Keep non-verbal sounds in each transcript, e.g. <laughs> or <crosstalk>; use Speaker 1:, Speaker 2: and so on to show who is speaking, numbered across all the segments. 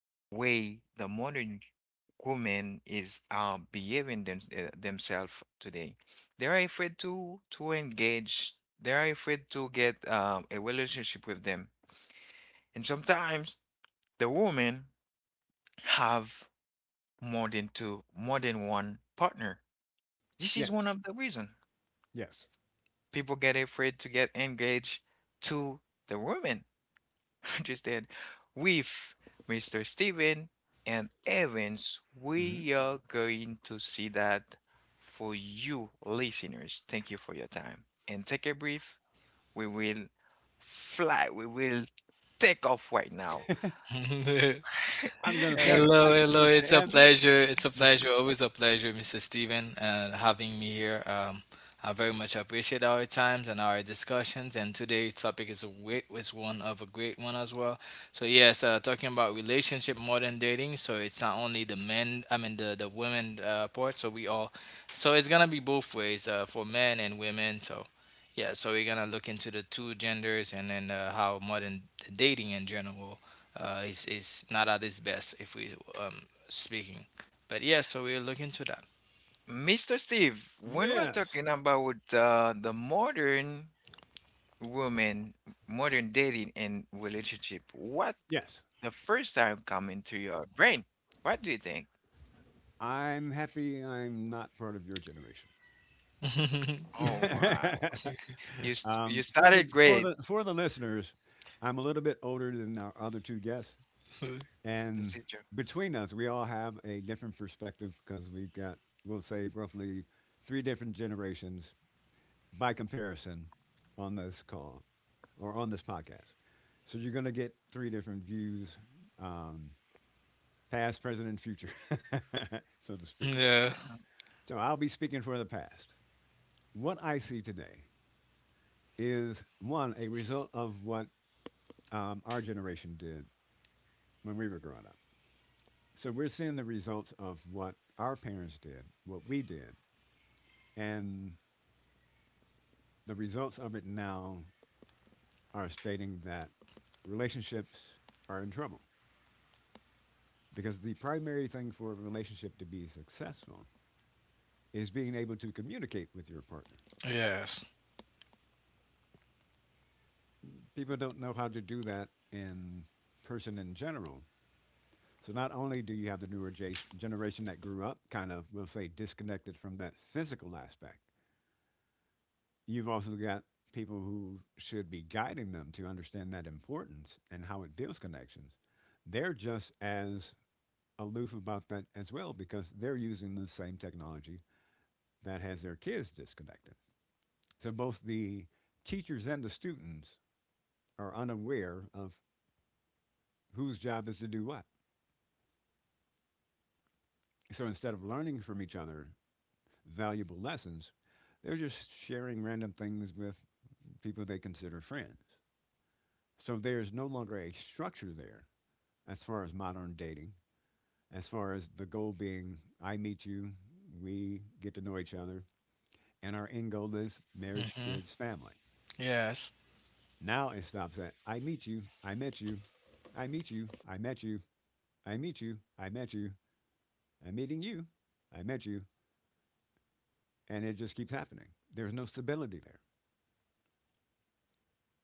Speaker 1: the way the modern woman is behaving them, themselves today. They are afraid to engage. They are afraid to get a relationship with them. And sometimes the women have more than two, more than one partner. This is
Speaker 2: Yes,
Speaker 1: one of the reasons
Speaker 2: yes.
Speaker 1: people get afraid to get engaged to the woman interested with Mr. Steven and Evans. We
Speaker 2: hmm
Speaker 1: are going to see that for you listeners. Thank you for your time. And take a brief. We will fly. We will take off right now.
Speaker 3: <laughs>
Speaker 2: I'm going to
Speaker 1: <laughs>
Speaker 2: pass the
Speaker 3: Hello,
Speaker 2: mic to
Speaker 3: hello.
Speaker 2: Mr.
Speaker 3: It's a
Speaker 2: Evans.
Speaker 3: pleasure. It's a pleasure.
Speaker 2: Mr.
Speaker 3: Always a pleasure, Mr. Steven, having me here. I very much appreciate our times and our discussions. And today's topic is is one of a great one as well. So yes, talking about relationship more than dating. So it's not only the men, I mean the women part. So it's gonna be both ways for men and women. So yeah, so we're gonna look into the two genders and then how modern dating in general is not at its best if we um speaking. But yeah, so we will look into that.
Speaker 1: Mr. Steve, when we're
Speaker 2: Yes,
Speaker 1: talking about the modern woman, modern dating and relationship, what
Speaker 2: yes.
Speaker 1: the first time come into your brain? What do you think?
Speaker 2: I'm happy I'm not part of your generation.
Speaker 3: <laughs>
Speaker 2: <laughs>
Speaker 1: Oh, wow. You
Speaker 2: For, the,
Speaker 1: started
Speaker 2: for,
Speaker 1: great,
Speaker 2: the, for the listeners, I'm a little bit older than our other two guests.
Speaker 1: the
Speaker 2: And
Speaker 1: teacher.
Speaker 2: between us, we all have a different perspective because we'll say, roughly three different generations by comparison on this call or on this podcast. So you're going to get three different views um, past, present, and future, <laughs> so to speak.
Speaker 3: Yeah.
Speaker 2: So I'll be speaking for the past. What I see today is one, a result of what our generation did when we were growing up. So we're seeing the results of what our parents did, what we did, and the results of it now are stating that relationships are in trouble. Because the primary thing for a relationship to be successful is being able to communicate with your partner.
Speaker 3: Yes.
Speaker 2: People don't know how to do that in person in general. So not only do you have the newer generation that grew up kind of, we'll say, disconnected from that physical aspect, you've also got people who should be guiding them to understand that importance and how it builds connections. They're just as aloof about that as well because they're using the same technology that has their kids disconnected. So both the teachers and the students are unaware of whose job is to do what. So instead of learning from each other valuable lessons, they're just sharing random things with people they consider friends. So there's no longer a structure there as far as modern dating, as far as the goal being I meet you, we get to know each other, and our end goal is marriage,
Speaker 3: Mhm.
Speaker 2: kids, family.
Speaker 3: Yes.
Speaker 2: Now it stops at I meet you, I met you, I meet you, I met you, I meet you, I met you, I'm meeting you, I met you, and it just keeps happening. There's no stability there.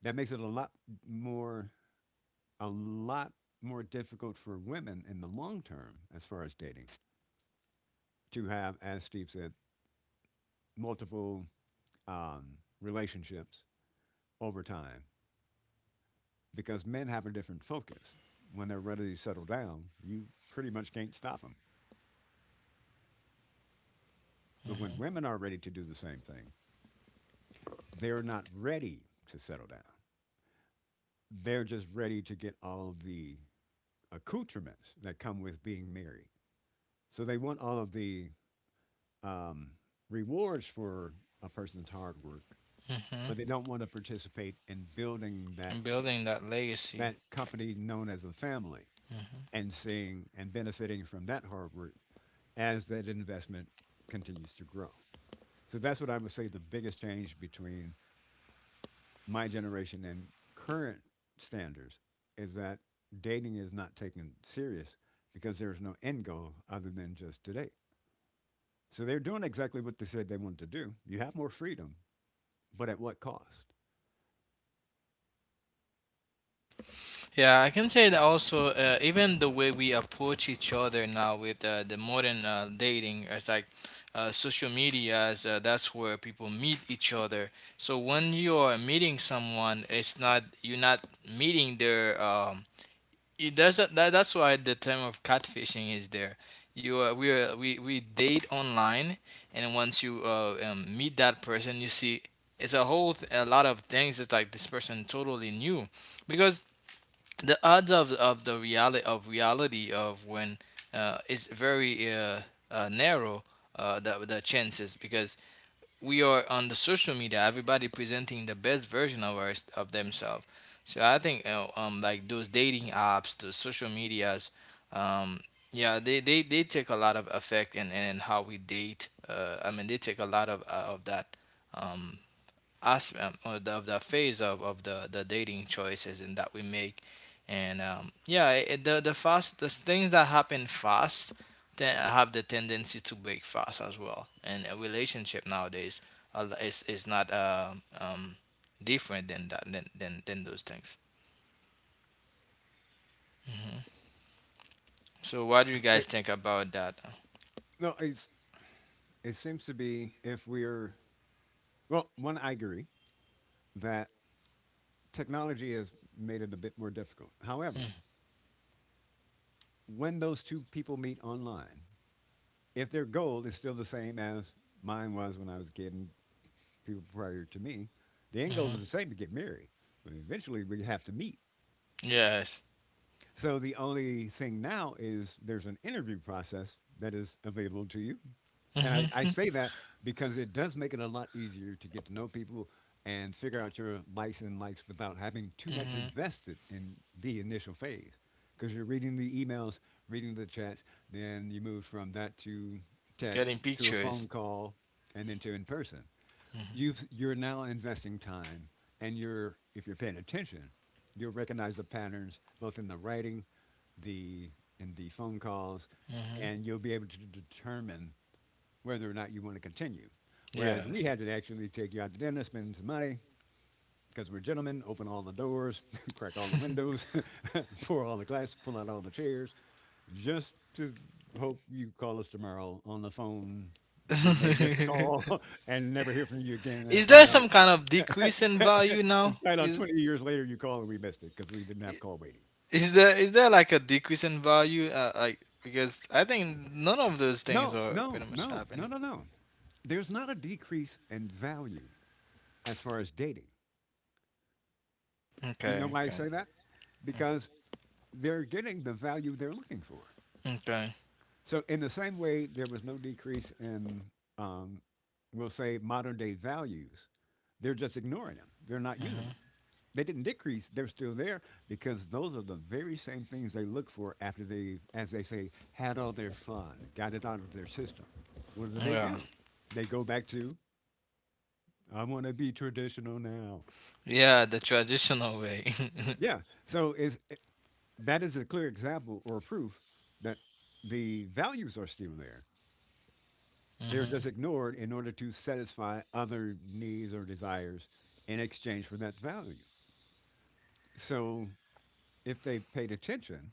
Speaker 2: That makes it more a lot more difficult for women in the long term as far as dating to have, as Steve said, multiple um, relationships over time because men have a different focus. When they're ready to settle down, you pretty much can't stop them. But when
Speaker 3: Mhm.
Speaker 2: women are ready to do the same thing, they're not ready to settle down. They're just ready to get all of the accoutrements that come with being married. So they want all of the um, rewards for a person's hard work, but
Speaker 3: Mhm.
Speaker 2: they don't want to participate in building that
Speaker 3: And building that legacy.
Speaker 2: that company known as a family
Speaker 3: Mhm.
Speaker 2: and seeing and benefiting from that hard work as that investment continues to grow. So that's what I would say the biggest change between my generation and current standards is that dating is not taken serious because there's no end goal other than just today. So they're doing exactly what they said they wanted to do. You have more freedom, but at what cost?
Speaker 3: Yeah, I can say that also. Even the way we approach each other now with the modern dating, it's like social media. That's where people meet each other. So when you are meeting someone, it's not you're not meeting their it doesn't. That's why the term of catfishing is there. You we date online, and once you meet that person, you see it's a lot of things. It's like this person totally new, because the odds of the reality of when is very narrow. The chances because we are on the social media, everybody presenting the best version of of themselves. So I think like those dating apps, the social medias, um yeah, they take a lot of effect in how we date, I mean they take a lot of that, um as of the phase of the dating choices and that we make. And yeah, the fast, the things that happen fast then have the tendency to break fast as well, and a relationship nowadays is not different than that, than those things. Hmm. So what do you
Speaker 2: Uh,
Speaker 3: guys think about that?
Speaker 2: no, it seems to be if we're, well, one, I agree that technology has made it a bit more difficult. However,
Speaker 3: Mm-hmm.
Speaker 2: when those two people meet online, if their goal is still the same as mine was when I was a kid and people prior to me, the end goal is
Speaker 3: Mm-hmm.
Speaker 2: the same to get married. But eventually, we have to meet.
Speaker 3: Yes.
Speaker 2: So the only thing now is there's an interview process that is available to you. And I
Speaker 3: Mm-hmm.
Speaker 2: say that because it does make it a lot easier to get to know people and figure out your likes and likes without having too much
Speaker 3: Hmm.
Speaker 2: invested in the initial phase. Because you're reading the emails, reading the chats, then you move from that to text
Speaker 3: Getting
Speaker 2: to a
Speaker 3: pictures.
Speaker 2: phone call and then to in person.
Speaker 3: Mm-hmm.
Speaker 2: You're now investing time, and you're if you're paying attention you'll recognize the patterns both in the writing, the in the phone calls,
Speaker 3: Mm-hmm.
Speaker 2: and you'll be able to determine whether or not you want to continue, whereas we
Speaker 3: Yes.
Speaker 2: had to actually take you out to dinner, spend some money, because we're gentlemen: open all the doors, <laughs> crack all the windows, <laughs> pour all the glass, pull out all the chairs, just to hope you call us tomorrow on the phone. We may miss a call
Speaker 3: <laughs>
Speaker 2: <laughs> and never hear from you again and
Speaker 3: Is there
Speaker 2: find out.
Speaker 3: some kind of decrease in
Speaker 2: <laughs>
Speaker 3: value
Speaker 2: In
Speaker 3: now?
Speaker 2: fact, on 20 years later, you call and we missed it because we didn't have call waiting.
Speaker 3: Is there like a decrease in value? Like because I think none of those things
Speaker 2: No,
Speaker 3: are
Speaker 2: no,
Speaker 3: pretty much
Speaker 2: no,
Speaker 3: happening.
Speaker 2: no, no, no. There's not a decrease in value as far as dating. You
Speaker 3: Okay,
Speaker 2: know why I
Speaker 3: okay,
Speaker 2: say that? Because they're getting the value they're looking for.
Speaker 3: okay.
Speaker 2: So, in the same way, there was no decrease in, um, we'll say, modern day values. They're just ignoring them, they're not using them.
Speaker 3: Hmm.
Speaker 2: They didn't decrease, they're still there because those are the very same things they look for after they've, as they say, had all their fun, got it out of their system. What
Speaker 3: Yeah,
Speaker 2: do? They go back to, I want to be traditional now.
Speaker 3: yeah, the traditional way. <laughs>
Speaker 2: Yeah. So that is a clear example or proof that the values are still there. They're
Speaker 3: Hmm.
Speaker 2: just ignored in order to satisfy other needs or desires in exchange for that value. So, if they paid attention,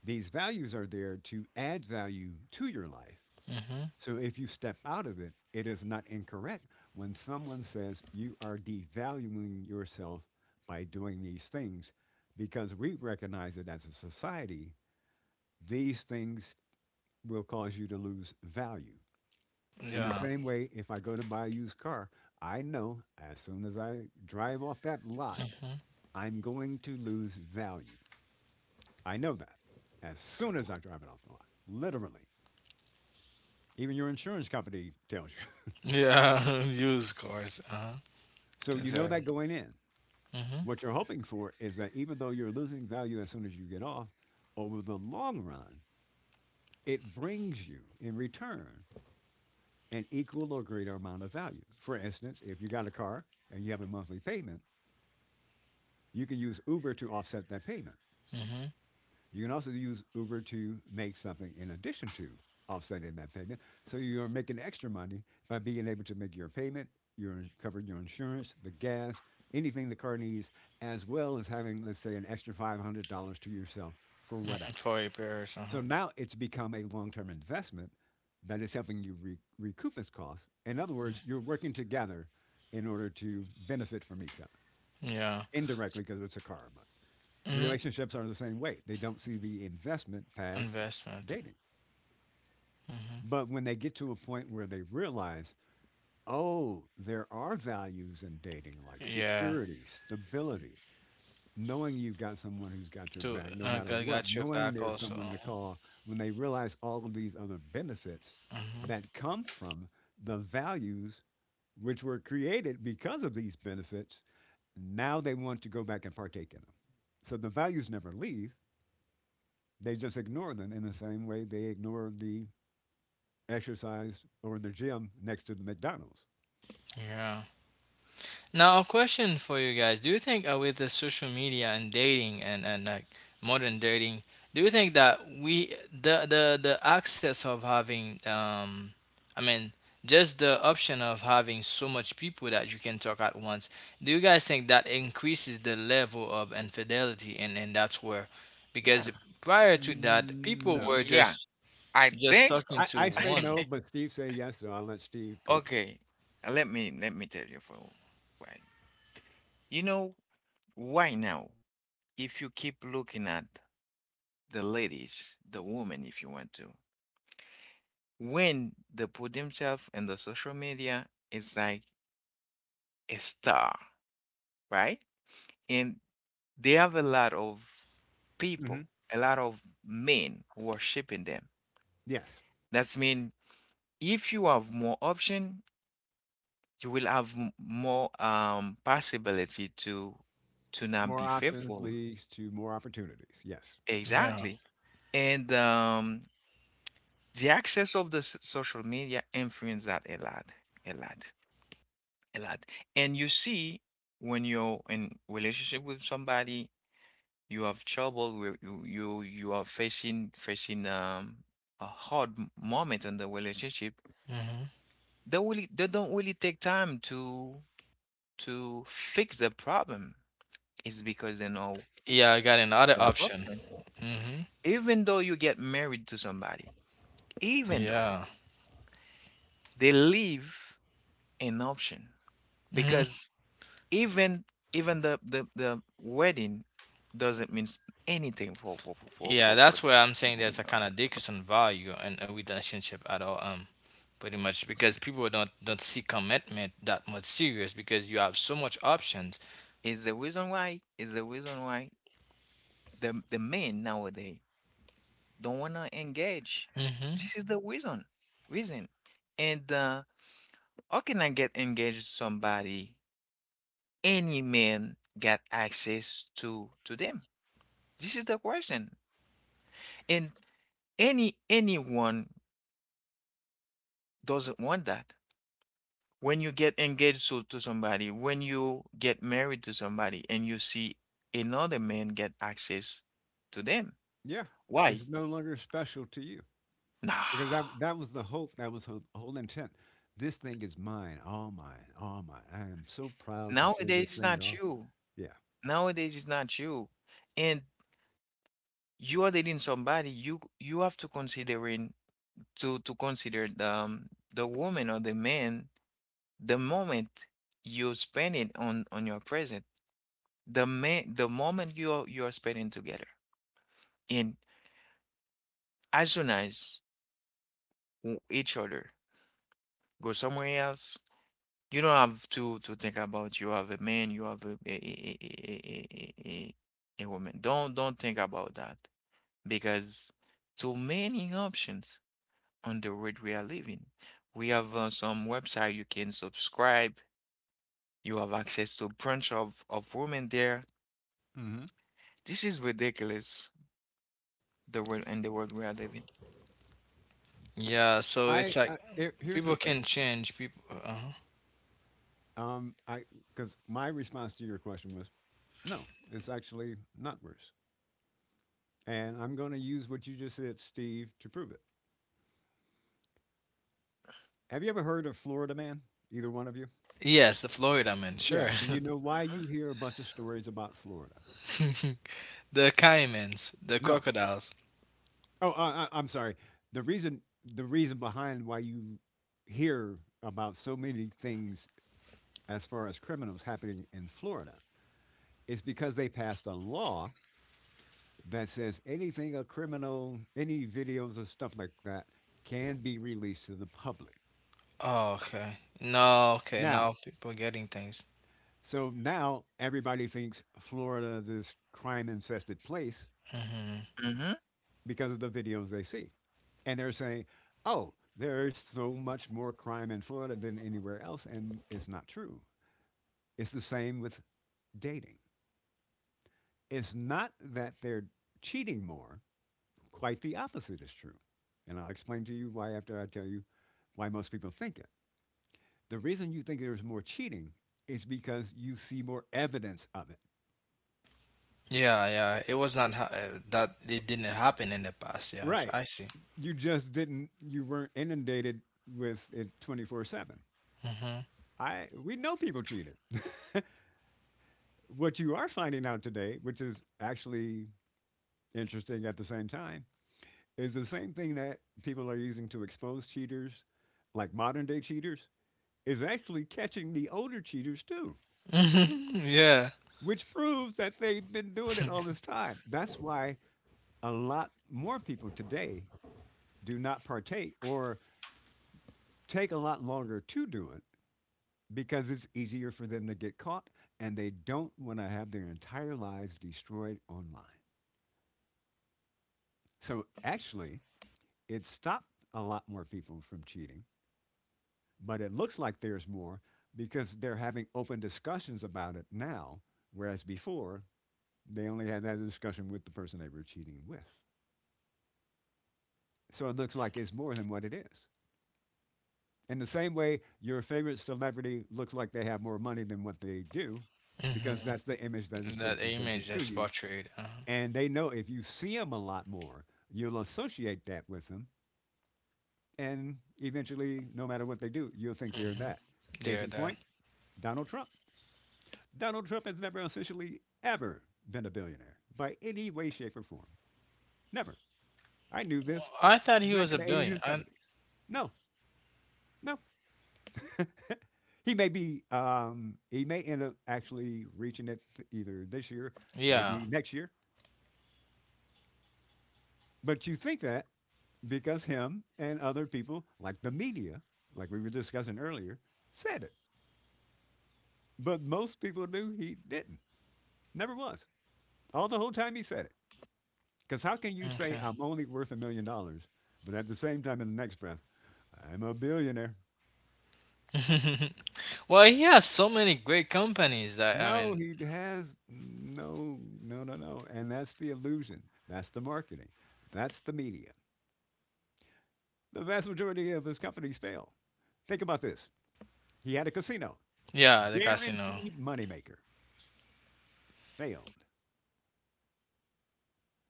Speaker 2: these values are there to add value to your life.
Speaker 3: Hmm.
Speaker 2: So, if you step out of it, it is not incorrect when someone says you are devaluing yourself by doing these things because we recognize that as a society, these things will cause you to lose value. In the
Speaker 3: Yeah.
Speaker 2: same way, if I go to buy a used car, I know as soon as I drive off that lot,
Speaker 3: Hmm.
Speaker 2: I'm going to lose value. I know that as soon as I drive it off the lot, literally. Even your insurance company tells you. <laughs>
Speaker 3: Yeah, <laughs> used cars. Uh-huh.
Speaker 2: So you
Speaker 3: That's
Speaker 2: know that
Speaker 3: right.
Speaker 2: going in.
Speaker 3: Mm-hmm.
Speaker 2: What you're hoping for is that even though you're losing value as soon as you get off, over the long run, it brings you in return an equal or greater amount of value. For instance, if you got a car and you have a monthly payment, you can use Uber to offset that payment.
Speaker 3: Hmm.
Speaker 2: You can also use Uber to make something in addition to offsetting that payment. So you're making extra money by being able to make your payment, you're covering your insurance, the gas, anything the car needs, as well as having, let's say, an extra $500 to yourself for whatever.
Speaker 3: For repairs.
Speaker 2: So
Speaker 3: Uh-huh.
Speaker 2: now it's become a long term investment that is helping you recoup its costs. In other words, you're working together in order to benefit from each other
Speaker 3: Yeah.
Speaker 2: indirectly because it's a car, but
Speaker 3: Hmm.
Speaker 2: relationships are the same way. They don't see the investment past
Speaker 3: Investment.
Speaker 2: dating.
Speaker 3: Hmm.
Speaker 2: But when they get to a point where they realize, oh, there are values in dating like
Speaker 3: Yeah.
Speaker 2: security, stability, knowing you've got someone who's got your
Speaker 3: To
Speaker 2: back no matter what,
Speaker 3: got your
Speaker 2: knowing
Speaker 3: back
Speaker 2: there's
Speaker 3: also.
Speaker 2: someone to call, when they realize all of these other benefits
Speaker 3: Hmm.
Speaker 2: that come from the values which were created because of these benefits, now they want to go back and partake in them. So the values never leave. They just ignore them in the same way they ignore the exercise or in the gym next to the McDonald's.
Speaker 3: Yeah. Now a question for you guys: do you think with the social media and dating and like modern dating, do you think that we the access of having I mean just the option of having so much people that you can talk at once, do you guys think that increases the level of infidelity and that's where,
Speaker 1: Yeah.
Speaker 3: because prior to that people
Speaker 2: No.
Speaker 3: were
Speaker 1: Yeah, I
Speaker 3: just
Speaker 1: think
Speaker 3: talking
Speaker 1: so.
Speaker 2: I,
Speaker 3: to
Speaker 2: I say
Speaker 3: one.
Speaker 2: no, but Steve say yes, so I'll let Steve go 1st.
Speaker 1: Okay. Let me tell you for why. You know, why now, if you keep looking at the ladies, the woman, if you want to, when they put themselves in the social media, it's like a star, right? And they have a lot of people,
Speaker 2: hmm
Speaker 1: a lot of men worshiping them.
Speaker 2: Yes.
Speaker 1: That's mean if you have more option, you will have more possibility to not
Speaker 2: More
Speaker 1: be
Speaker 2: options
Speaker 1: faithful.
Speaker 2: leads to more opportunities. Yes.
Speaker 3: Yeah.
Speaker 1: Exactly. And the access of the social media influence that a lot, a lot, a lot. And you see when you're in relationship with somebody, you have trouble where you are facing a hard moment in the relationship. They don't really take time to fix the problem is because they know
Speaker 3: Yeah, I got another
Speaker 1: they have
Speaker 3: option.
Speaker 1: options.
Speaker 3: Hmm.
Speaker 1: Even though you get married to somebody, even though
Speaker 3: Yeah.
Speaker 1: they leave an option
Speaker 3: Hmm.
Speaker 1: because even even the wedding doesn't mean anything for for for for
Speaker 3: Yeah,
Speaker 1: for, for
Speaker 3: that's where I'm saying
Speaker 1: you
Speaker 3: there's a
Speaker 1: know,
Speaker 3: kind of decrease in value in a relationship at all. Pretty much because people don't see commitment that much serious because you have so much options.
Speaker 1: is the reason why, is the reason why the men nowadays don't wanna engage.
Speaker 3: Hmm.
Speaker 1: This is the reason reason, and how can I get engaged to somebody any man got access to them? This is the question. And any anyone doesn't want that. When you get engaged to somebody, when you get married to somebody and you see another man get access to them.
Speaker 2: Yeah.
Speaker 1: Why?
Speaker 2: It's no longer special to you because
Speaker 1: Nah.
Speaker 2: that was the hope. That was the whole intent. This thing is mine, all mine, all mine. I am so proud to show
Speaker 1: Nowadays
Speaker 2: this
Speaker 1: it's
Speaker 2: thing
Speaker 1: not
Speaker 2: off.
Speaker 1: you.
Speaker 2: Yeah.
Speaker 1: Nowadays it's not you. And you are dating somebody, you have to consider in to consider the woman or the man the moment you spend it on your present the moment you are spending together and as soon as each other go somewhere else you don't have to think about you have a man you have a a woman don't think about that because too many options on the world we are living, we have some website you can subscribe, you have access to bunch of women there,
Speaker 2: hmm
Speaker 1: this is ridiculous. The world and the world we are living.
Speaker 3: Yeah, so it's like
Speaker 2: here's
Speaker 3: people
Speaker 2: the thing.
Speaker 3: can change people.
Speaker 2: I because my response to your question was no, it's actually not worse. And I'm going to use what you just said, Steve, to prove it. Have you ever heard of Florida Man? Either one of you?
Speaker 3: Yes, the Florida men, sure.
Speaker 2: Yeah. Do
Speaker 3: <laughs>
Speaker 2: you know why
Speaker 1: Mm-hmm.
Speaker 2: you hear a bunch of stories about Florida?
Speaker 3: The caimans, the
Speaker 2: No.
Speaker 3: crocodiles.
Speaker 2: Oh, I'm sorry. The reason the reason behind why you hear about so many things as far as criminals happening in Florida is because they passed a law that says anything a criminal, any videos or stuff like that can be released to the public.
Speaker 3: Oh, okay. No, okay, now
Speaker 2: Now,
Speaker 3: people getting things.
Speaker 2: so now everybody thinks Florida is this crime infested place
Speaker 3: Mm-hmm.
Speaker 1: Mm-hmm.
Speaker 2: because of the videos they see. And they're saying, oh, there's so much more crime in Florida than anywhere else. And it's not true. It's the same with dating. It's not that they're cheating more, quite the opposite is true. And I'll explain to you why after I tell you why most people think it. The reason you think there's more cheating is because you see more evidence of it.
Speaker 3: Yeah, yeah. It was not ha- that it didn't happen in the past.
Speaker 2: Right.
Speaker 3: I see.
Speaker 2: You just didn't, you weren't inundated with it 24/7.
Speaker 3: Mm-hmm.
Speaker 2: I We know people cheated. What you are finding out today, which is actually interesting at the same time, is the same thing that people are using to expose cheaters, like modern day cheaters, is actually catching the older cheaters too,
Speaker 3: <laughs> Yeah.
Speaker 2: which proves that they've been doing it all this time. That's why a lot more people today do not partake or take a lot longer to do it because it's easier for them to get caught and they don't want to have their entire lives destroyed online. So actually, it stopped a lot more people from cheating, but it looks like there's more because they're having open discussions about it now, whereas before they only had that discussion with the person they were cheating with. So it looks like it's more than what it is. In the same way, your favorite celebrity looks like they have more money than what they do because that's the
Speaker 3: Mm-hmm.
Speaker 2: image that has been
Speaker 3: That image
Speaker 2: presented to
Speaker 3: that's
Speaker 2: you.
Speaker 3: portrayed. Uh-huh.
Speaker 2: And they know if you see them a lot more, you'll associate that with them. And eventually, no matter what they do, you'll think they're
Speaker 3: Mm-hmm.
Speaker 2: that. Case
Speaker 3: Yeah,
Speaker 2: in
Speaker 3: that.
Speaker 2: point, Donald Trump. Donald Trump has never officially ever been a billionaire by any way, shape, or form. Never. I knew this
Speaker 3: I thought he
Speaker 2: back
Speaker 3: was a
Speaker 2: in the 80s
Speaker 3: billion.
Speaker 2: and 70s. No, no. <laughs> He may be. He may end up actually reaching it either this year,
Speaker 3: Yeah.
Speaker 2: maybe next year. But you think that because him and other people, like the media, like we were discussing earlier, said it. But most people knew he didn't. Never was. All the whole time he said it. Because how can you say
Speaker 3: Okay.
Speaker 2: I'm only worth $1 million, but at the same time, in the next breath, I'm a billionaire?
Speaker 3: <laughs> Well, he has so many great companies that I
Speaker 2: No,
Speaker 3: mean,
Speaker 2: he has no. And that's the illusion. That's the marketing. That's the media. The vast majority of his companies fail. Think about this. He had a casino,
Speaker 3: yeah, the casino.
Speaker 2: guaranteed moneymaker, failed.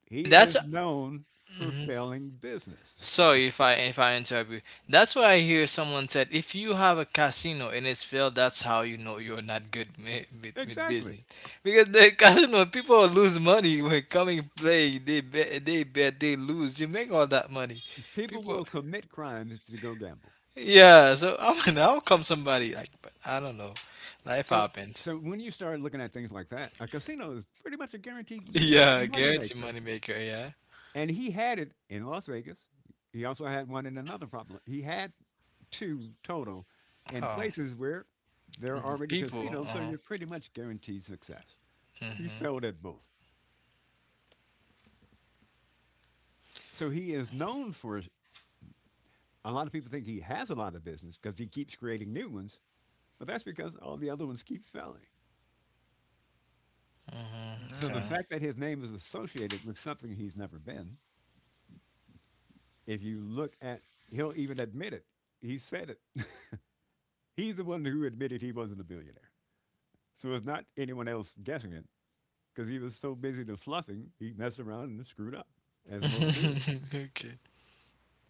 Speaker 2: He
Speaker 3: That's
Speaker 2: is known for
Speaker 3: mm-hmm.
Speaker 2: failing business.
Speaker 3: Sorry if I interrupt you. That's why I hear someone said if you have a casino and it's failed, that's how you know you're not good <laughs>
Speaker 2: <laughs>
Speaker 3: with
Speaker 2: Exactly.
Speaker 3: business. Because the <laughs> casino people lose money when coming play. They bet they lose. You make all that money.
Speaker 2: People
Speaker 3: People,
Speaker 2: will commit crimes to go gamble.
Speaker 3: yeah. So <laughs> I mean, how come somebody like? But I don't know. Life
Speaker 2: So,
Speaker 3: happens.
Speaker 2: so
Speaker 3: <laughs>
Speaker 2: when you start looking at things like that, a casino is pretty much a guaranteed
Speaker 3: Yeah, guarantee
Speaker 2: moneymaker.
Speaker 3: money maker. Yeah.
Speaker 2: And he had it in Las Vegas. He also had one in another problem. He had two total in
Speaker 3: Oh,
Speaker 2: places where there are already
Speaker 3: people. Uh
Speaker 2: casinos, so
Speaker 3: huh.
Speaker 2: you're pretty much guaranteed success. He
Speaker 3: Mhm.
Speaker 2: failed at both. So he is known for a lot of people think he has a lot of business because he keeps creating new ones, but that's because all the other ones keep failing. So the
Speaker 1: Mm-hmm.
Speaker 3: Mhm.
Speaker 2: fact that his name is associated with something he's never been, if you look at, he'll even admit it. He said it. <laughs> He's the one who admitted he wasn't a billionaire. So it's not anyone else guessing it because he was so busy to fluffing, he messed around and screwed up, as most do.
Speaker 3: Okay. <laughs> Okay.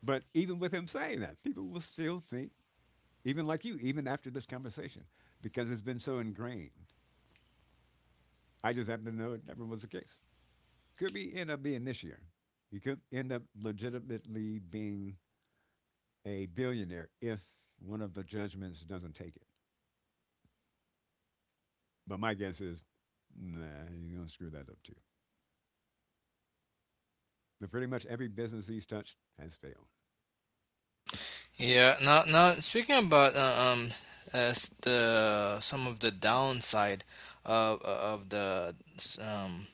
Speaker 2: But even with him saying that, people will still think even like you, even after this conversation, because it's been so ingrained. I just happen to know it never was the case. Could be end up being this year. You could end up legitimately being a billionaire if one of the judgments doesn't take it. But my guess is, nah, you're gonna screw that up too. But pretty much every business he's touched has failed.
Speaker 3: Yeah. Now, now speaking about as the some of the downside of the um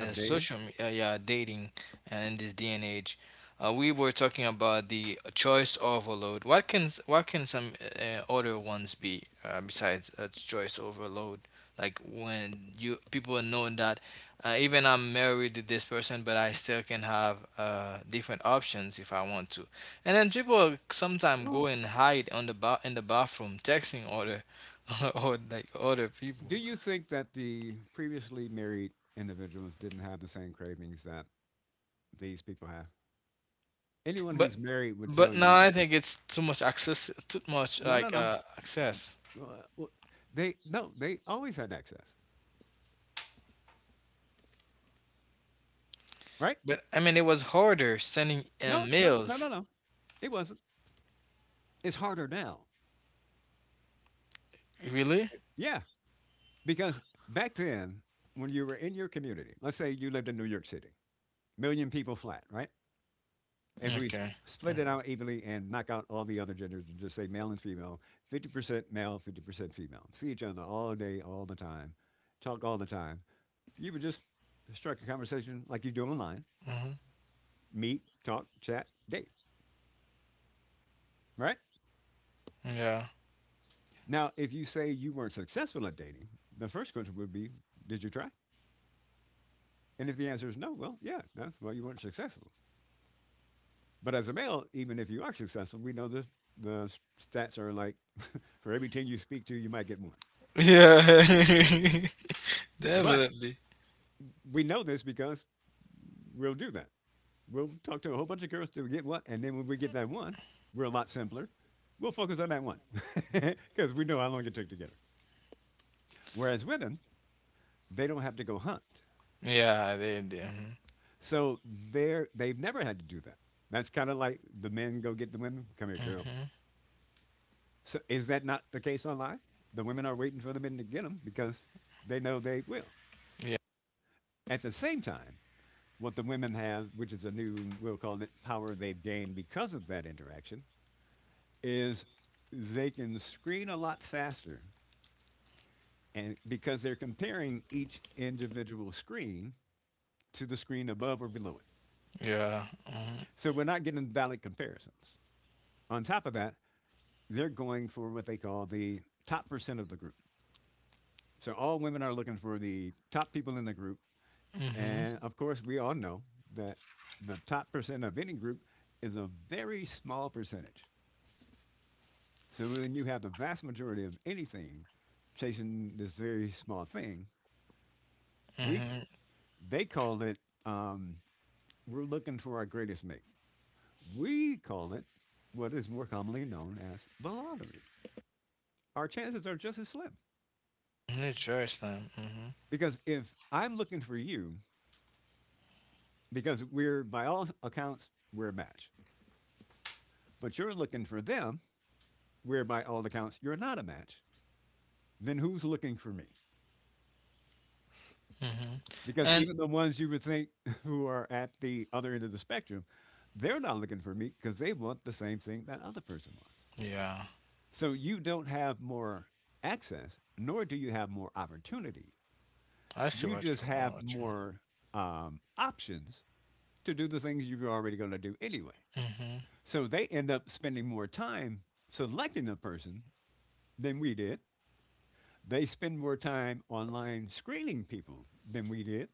Speaker 2: Of dating.
Speaker 3: social yeah, dating and in this day and age. We were talking about the choice overload. What can what can some other ones be besides choice overload? Like when you people know that even I'm married to this person, but I still can have different options if I want to. And then people sometimes go
Speaker 2: Well,
Speaker 3: and hide on the in the bathroom texting other <laughs> or like other people.
Speaker 2: do you think that the previously married individuals didn't have the same cravings that these people have? Anyone
Speaker 3: But
Speaker 2: who's married would tell
Speaker 3: but now
Speaker 2: you,
Speaker 3: I think it's too much access, too much
Speaker 2: no, no,
Speaker 3: like
Speaker 2: no.
Speaker 3: access.
Speaker 2: uh, well, they no, they always had access, right?
Speaker 3: But I mean, it was harder sending
Speaker 2: No, no, no, no,
Speaker 3: mails.
Speaker 2: no. It wasn't. It's harder now.
Speaker 3: Really?
Speaker 2: Yeah, because back then, when you were in your community, let's say you lived in New York City, million people flat, right? If we s-
Speaker 3: Okay.
Speaker 2: Split it out evenly and knock out all the other genders and just say male and female, 50% male, 50% female, see each other all day, all the time, talk all the time, you would just strike a conversation like you do online,
Speaker 3: Mm-hmm.
Speaker 2: meet, talk, chat, date, right?
Speaker 3: Yeah. <laughs>
Speaker 2: Now, if you say you weren't successful at dating, the first question would be, did you try? And if the answer is no, well, yeah, that's why you weren't successful. But as a male, even if you are successful, we know the s- stats are like for every 10 you speak to, you might get one.
Speaker 3: Yeah. <laughs>
Speaker 2: But
Speaker 3: Definitely.
Speaker 2: we know this because we'll do that. We'll talk to a whole bunch of girls to get one. And then when we get that one, we're a lot simpler. We'll focus on that one <laughs> because we know how long it took to get her. Whereas women, they don't have to go hunt.
Speaker 3: Yeah, they did. Mm-hmm.
Speaker 2: So they've never had to do that. That's kind of like the men go get the women. Come here, girl.
Speaker 3: Mm-hmm.
Speaker 2: So is that not the case online? The women are waiting for the men to get them because they know they will.
Speaker 3: Yeah.
Speaker 2: At the same time, what the women have, which is a new, we'll call it power they've gained because of that interaction, is they can screen a lot faster and because they're comparing each individual screen to the screen above or below it.
Speaker 3: Yeah. Mm-hmm.
Speaker 2: So we're not getting valid comparisons. On top of that, they're going for what they call the top percent of the group. So all women are looking for the top people in the group.
Speaker 3: Mm-hmm.
Speaker 2: And of course, we all know that the top percent of any group is a very small percentage. So when you have the vast majority of anything chasing this very small thing, we c-
Speaker 3: Mm-hmm.
Speaker 2: they call it um, we're looking for our greatest mate. We call it what is more commonly known as the lottery. Our chances are just as slim
Speaker 3: Interesting. Mm-hmm.
Speaker 2: because if I'm looking for you because we're by all accounts we're a match but you're looking for them where by all accounts you're not a match then who's looking for me
Speaker 3: Mm-hmm.
Speaker 2: because
Speaker 3: And
Speaker 2: even the ones you would think <laughs> who are at the other end of the spectrum, they're not looking for me because they want the same thing that other person wants,
Speaker 3: yeah,
Speaker 2: so you don't have more access nor do you have more opportunity,
Speaker 3: I see
Speaker 2: you
Speaker 3: what
Speaker 2: just
Speaker 3: you
Speaker 2: have
Speaker 3: mean.
Speaker 2: more options to do the things you're already going to do anyway,
Speaker 3: Mm-hmm.
Speaker 2: so they end up spending more time selecting a person than we did. They spend more time online screening people than we did.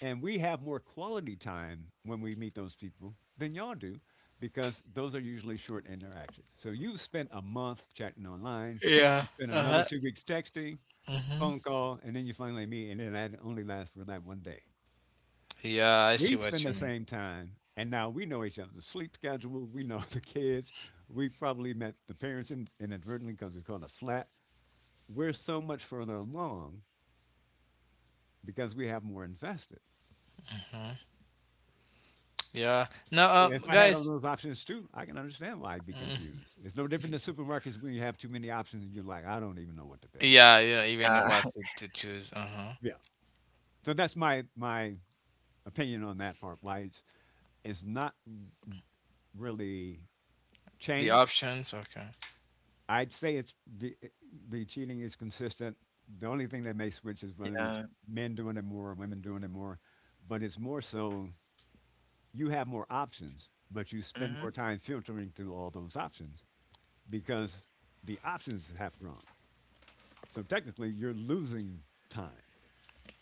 Speaker 2: And we have more quality time when we meet those people than y'all do because those are usually short interactions. So you spent a month chatting online,
Speaker 3: Yeah.
Speaker 2: you spent another
Speaker 3: Uh-huh.
Speaker 2: 2 weeks texting,
Speaker 3: Mm-hmm.
Speaker 2: phone call, and then you finally meet, and then that only lasts for that one day.
Speaker 3: Yeah, I see
Speaker 2: We
Speaker 3: what
Speaker 2: spend the
Speaker 3: you mean.
Speaker 2: same time, and now we know each other's sleep schedule. We know <laughs> the kids. We probably met the parents inadvertently because we called a flat. We're so much further along because we have more invested.
Speaker 3: Mm-hmm. Yeah. No,
Speaker 2: So if I had all
Speaker 3: guys.
Speaker 2: those options too, I can understand why I'd be
Speaker 3: Mm.
Speaker 2: confused. It's no different than supermarkets when you have too many options and you're like, I don't even know what to pick.
Speaker 3: Yeah, yeah, even know
Speaker 1: Yeah.
Speaker 2: Yeah.
Speaker 3: what
Speaker 1: <laughs>
Speaker 3: to choose. Uh-huh.
Speaker 2: Yeah. So that's my opinion on that part. Why it's not really
Speaker 3: The
Speaker 2: changed.
Speaker 3: options, okay.
Speaker 2: I'd say it's the cheating is consistent. The only thing that may switch is whether it's
Speaker 1: Yeah.
Speaker 2: men doing it more or women doing it more. But it's more so you have more options, but you spend more
Speaker 1: Mm-hmm.
Speaker 2: time filtering through all those options because the options have grown. So technically, you're losing time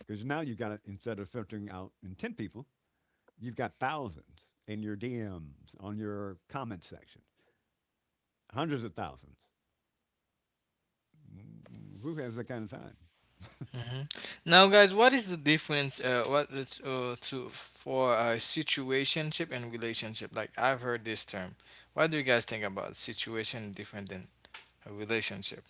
Speaker 2: because now you've got, instead of filtering out in 10 people, you've got thousands in your DMs, on your comment section, hundreds of thousands. Who has that kind of time?
Speaker 3: Hmm. Now, guys, what is the difference? What is, to for situationship and relationship? Like I've heard this term. What do you guys think about situation different than a relationship?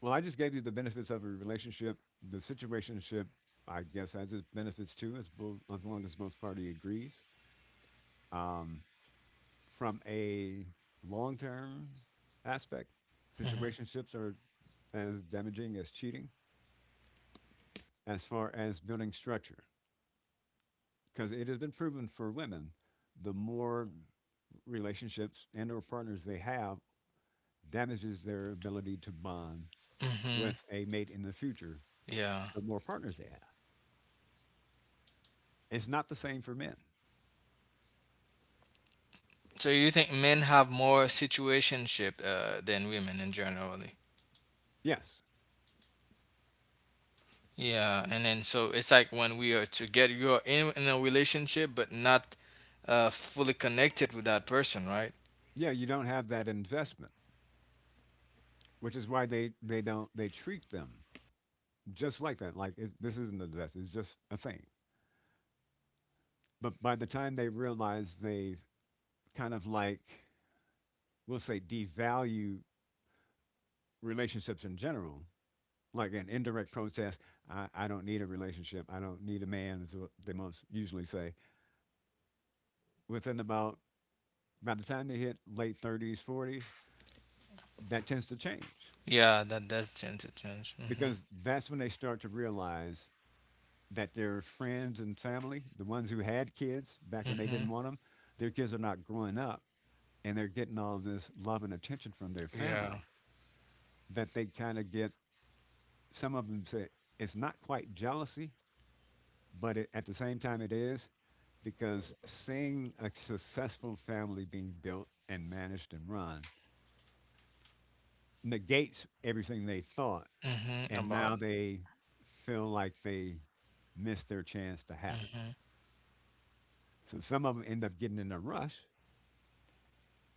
Speaker 2: Well, I just gave you the benefits of a relationship. The situationship, I guess, has its benefits too, as, as long as both party agrees. Um, from a long term aspect,
Speaker 3: Mm-hmm.
Speaker 2: situationships are as damaging as cheating as far as building structure because it has been proven for women the more relationships and or partners they have damages their ability to bond
Speaker 3: Mm-hmm.
Speaker 2: with a mate in the future,
Speaker 3: Yeah.
Speaker 2: the more partners they have. It's not the same for men.
Speaker 3: So you think men have more situationship than women in general?
Speaker 2: Yes.
Speaker 3: Yeah, and then so it's like when we are together, you are in a relationship but not fully connected with that person, right?
Speaker 2: Yeah, you don't have that investment, which is why they don't, they treat them just like that, like it, this isn't a investment, it's just a thing. But by the time they realize they've kind of like, we'll say, devalue relationships in general, like an indirect protest, I don't need a relationship. I don't need a man, is what they most usually say. Within about, by the time they hit late 30s, 40s, that tends to change
Speaker 3: Yeah, that does tend to change. Hmm.
Speaker 2: because that's when they start to realize that their friends and family, the ones who had kids back when they
Speaker 3: Hmm.
Speaker 2: didn't want them, their kids are not growing up and they're getting all this love and attention from their
Speaker 3: Yeah.
Speaker 2: family that they kind of get. Some of them say it's not quite jealousy, but it, at the same time, it is because seeing a successful family being built and managed and run negates everything they thought,
Speaker 3: Hmm.
Speaker 2: and
Speaker 3: About.
Speaker 2: now they feel like they missed their chance to have it.
Speaker 3: Hmm.
Speaker 2: So some of them end up getting in a rush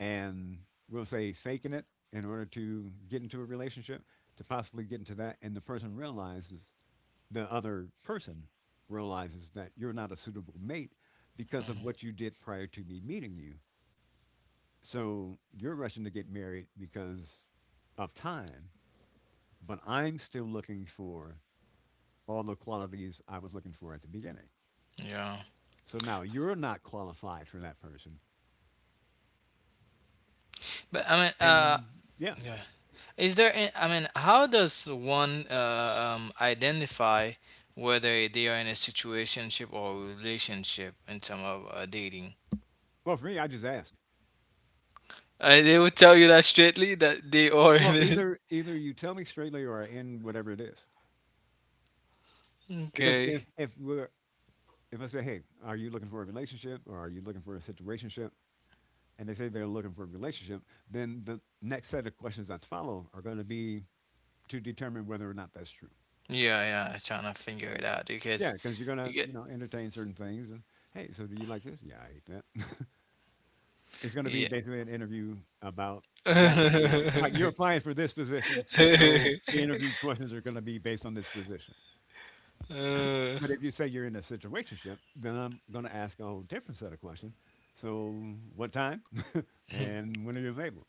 Speaker 2: and we'll say faking it in order to get into a relationship, to possibly get into that. And the person realizes, the other person realizes that you're not a suitable mate because of
Speaker 3: Hmm.
Speaker 2: what you did prior to me meeting you. So you're rushing to get married because of time, but I'm still looking for all the qualities I was looking for at the beginning.
Speaker 3: Yeah.
Speaker 2: So now you're not qualified for that person.
Speaker 3: But I mean,
Speaker 2: And yeah,
Speaker 3: yeah. Is there? I mean, how does one identify whether they are in a situationship or a relationship in terms of dating?
Speaker 2: well, for me, I just ask.
Speaker 3: They would tell you that straightly that they are.
Speaker 2: Well, either you tell me straightly or I end whatever it is.
Speaker 3: <laughs>
Speaker 2: Because
Speaker 3: Okay.
Speaker 2: if we're if I say, hey, are you looking for a relationship or are you looking for a situationship? And they say they're looking for a relationship, then the next set of questions that follow are going to be to determine whether or not that's true.
Speaker 3: Yeah, yeah, I'm trying to figure it out
Speaker 2: Yeah,
Speaker 3: because
Speaker 2: because you're
Speaker 3: you
Speaker 2: gonna,
Speaker 3: get
Speaker 2: you know, entertain certain things, and hey, so do you like this? Yeah, I hate that. <laughs> It's gonna be basically an interview about that
Speaker 3: yeah. <laughs>
Speaker 2: skill. Like you're applying for this position, so the interview questions are gonna be based on this position.
Speaker 3: Uh,
Speaker 2: But if you say you're in a situationship, then I'm gonna ask a whole different set of questions. So what time <laughs> and when are you available?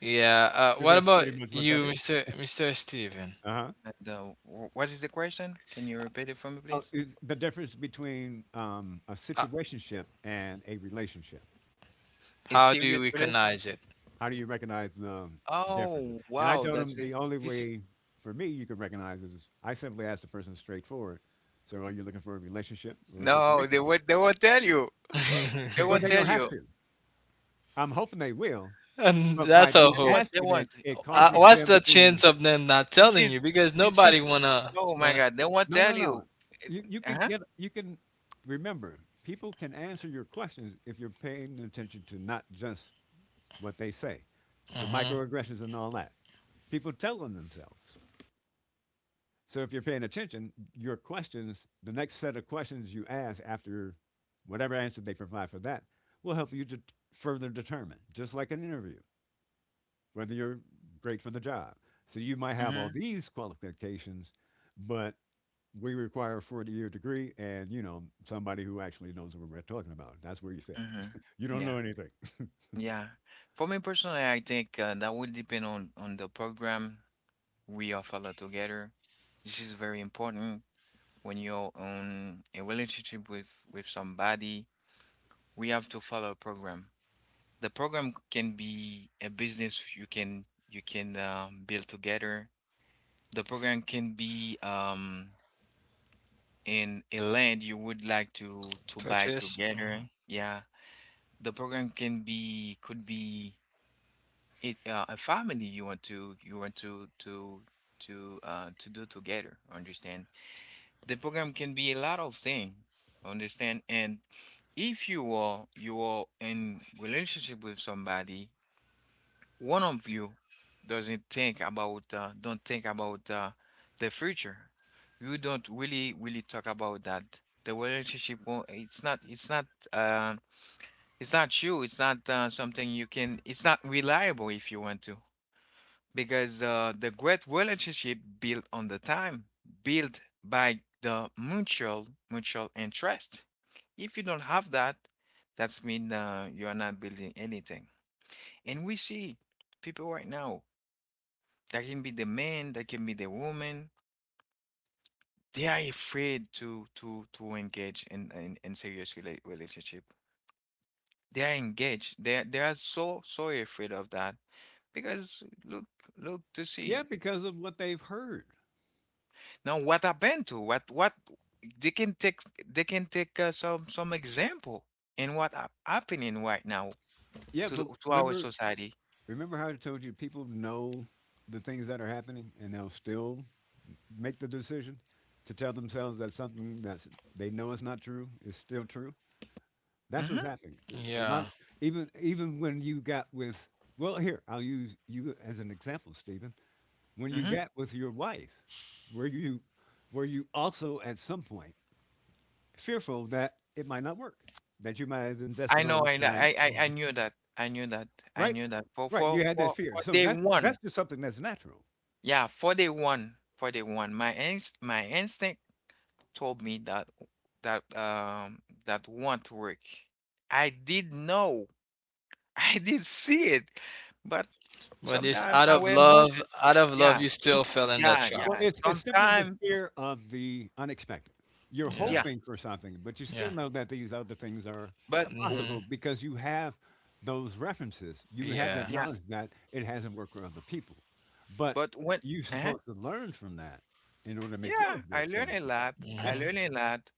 Speaker 3: yeah,
Speaker 2: Because
Speaker 3: what
Speaker 2: that's
Speaker 3: about
Speaker 2: pretty much what that
Speaker 3: you,
Speaker 2: is.
Speaker 3: Mr. Steven?
Speaker 2: Uh huh.
Speaker 1: What is the question? Can you repeat it for me,
Speaker 2: Oh,
Speaker 1: please?
Speaker 2: is the difference between a
Speaker 3: Uh,
Speaker 2: situationship and a relationship.
Speaker 1: A
Speaker 3: how do you
Speaker 1: serious relation?
Speaker 3: recognize it?
Speaker 2: How do you recognize differences?
Speaker 1: Oh,
Speaker 2: And I
Speaker 1: wow.
Speaker 2: told
Speaker 1: That's
Speaker 2: him the
Speaker 1: it.
Speaker 2: only
Speaker 1: This is
Speaker 2: way for me you can recognize is I simply ask the person straightforward. So are you looking for a relationship or a
Speaker 1: no. They
Speaker 2: situationship?
Speaker 1: won't. They won't tell you. <laughs> They
Speaker 2: Well,
Speaker 1: won't
Speaker 2: they
Speaker 1: tell
Speaker 2: don't
Speaker 3: <laughs>
Speaker 2: have
Speaker 1: you.
Speaker 2: to. I'm hoping they will,
Speaker 3: And
Speaker 2: but by
Speaker 3: that's our
Speaker 2: me
Speaker 1: They
Speaker 3: hope.
Speaker 1: won't. They
Speaker 2: asking it,
Speaker 1: won't.
Speaker 2: it
Speaker 1: This is.
Speaker 2: causes
Speaker 3: What's
Speaker 2: them
Speaker 3: the chance
Speaker 2: to
Speaker 3: of them not
Speaker 1: This
Speaker 3: telling
Speaker 1: is.
Speaker 3: you? Because
Speaker 1: This
Speaker 3: nobody
Speaker 1: is.
Speaker 3: wanna
Speaker 1: Oh my
Speaker 3: wanna
Speaker 1: God. They won't
Speaker 2: no, no,
Speaker 1: tell
Speaker 2: no.
Speaker 1: you. It-
Speaker 2: You can
Speaker 1: Uh-huh.
Speaker 2: get you can remember people can answer your questions if you're paying attention to not just what they say, the
Speaker 3: mhm,
Speaker 2: microaggressions and all that. People tell them themselves. So if you're paying attention, your questions, the next set of questions you ask after whatever answer they provide for that, will help you to further determine, just like an interview, whether you're great for the job. So you might have all
Speaker 1: Mm-hmm.
Speaker 2: these qualifications, but we require a 40-year degree and, you know, somebody who actually knows what we're talking about. That's where you fail. <laughs> You
Speaker 1: Mm-hmm.
Speaker 2: don't
Speaker 1: Yeah.
Speaker 2: know anything.
Speaker 1: Yeah. For me personally, I think that will depend on the program we are fellow together. This is very important when you're on a relationship with somebody. We have to follow a program. The program can be a business you can build together. The program can be in a land you would like to buy
Speaker 3: purchase.
Speaker 1: together.
Speaker 3: Mhm.
Speaker 1: Yeah, the program can be could be it a family you want to do together. Understand? The program can be a lot of thing, understand, and if you are you are in relationship with somebody, one of you doesn't think about don't think about the future, you don't really really talk about that, the relationship won't, it's not it's not uh, it's not you it's not something you can, it's not reliable if you want to, because the great relationship built on the time, built by the mutual mutual interest. If you don't have that, that's mean you are not building anything. And we see people right now that can be the man, that can be the woman. They are afraid to engage in serious relationship. They are engaged. They are so so afraid of that because look look to see.
Speaker 2: Yeah, because of what they've heard.
Speaker 1: Now, what happened to what they can take, they can take some example in what happening right now
Speaker 2: Yeah,
Speaker 1: to the,
Speaker 2: but
Speaker 1: to our
Speaker 2: remember
Speaker 1: society.
Speaker 2: remember how I told you people know the things that are happening and they'll still make the decision to tell themselves that something that they know is not true is still true. That's what's
Speaker 1: Hmm.
Speaker 2: happening. A lot,
Speaker 3: Yeah,
Speaker 2: even when you got with, well, here I'll use you as an example, Stephen. When you
Speaker 1: Hmm.
Speaker 2: got with your wife, were you were you also at some point fearful that it might not work, that you might have
Speaker 1: I
Speaker 2: invested all
Speaker 1: know,
Speaker 2: this
Speaker 1: I,
Speaker 2: time,
Speaker 1: I I I
Speaker 3: mm-hmm.
Speaker 1: knew that, I knew that, I
Speaker 2: right?
Speaker 1: knew that for
Speaker 2: Right,
Speaker 1: for
Speaker 2: you had that
Speaker 1: for
Speaker 2: fear.
Speaker 1: for
Speaker 2: So
Speaker 1: day
Speaker 2: that's
Speaker 1: one,
Speaker 2: just something that's natural.
Speaker 1: yeah, for day one, my instinct told me that that that want to work. I did know, I did see it, but
Speaker 3: But it's
Speaker 1: sometimes
Speaker 3: out of
Speaker 1: our
Speaker 3: love.
Speaker 1: emotion,
Speaker 3: Out of
Speaker 1: yeah,
Speaker 3: love, you still
Speaker 1: some,
Speaker 3: fell in that
Speaker 1: yeah,
Speaker 3: trap.
Speaker 2: Well,
Speaker 1: yeah,
Speaker 2: it's simply the
Speaker 1: sometimes,
Speaker 2: fear of the unexpected. You're
Speaker 3: Yeah,
Speaker 1: yeah,
Speaker 2: hoping for something, but you still
Speaker 3: yeah,
Speaker 2: know that these other things are
Speaker 1: but w-
Speaker 3: hmm,
Speaker 2: possible because you have those references. You have that
Speaker 3: yeah.
Speaker 1: yeah,
Speaker 2: knowledge that it hasn't worked for other people. But
Speaker 1: but when,
Speaker 2: you're
Speaker 1: uh
Speaker 2: supposed to learn from that in order to make
Speaker 1: yeah,
Speaker 2: yours
Speaker 1: I
Speaker 2: work, so
Speaker 1: learn
Speaker 2: to
Speaker 1: a
Speaker 2: speak.
Speaker 1: lot. I
Speaker 2: Yeah.
Speaker 3: Hmm.
Speaker 1: learn a lot.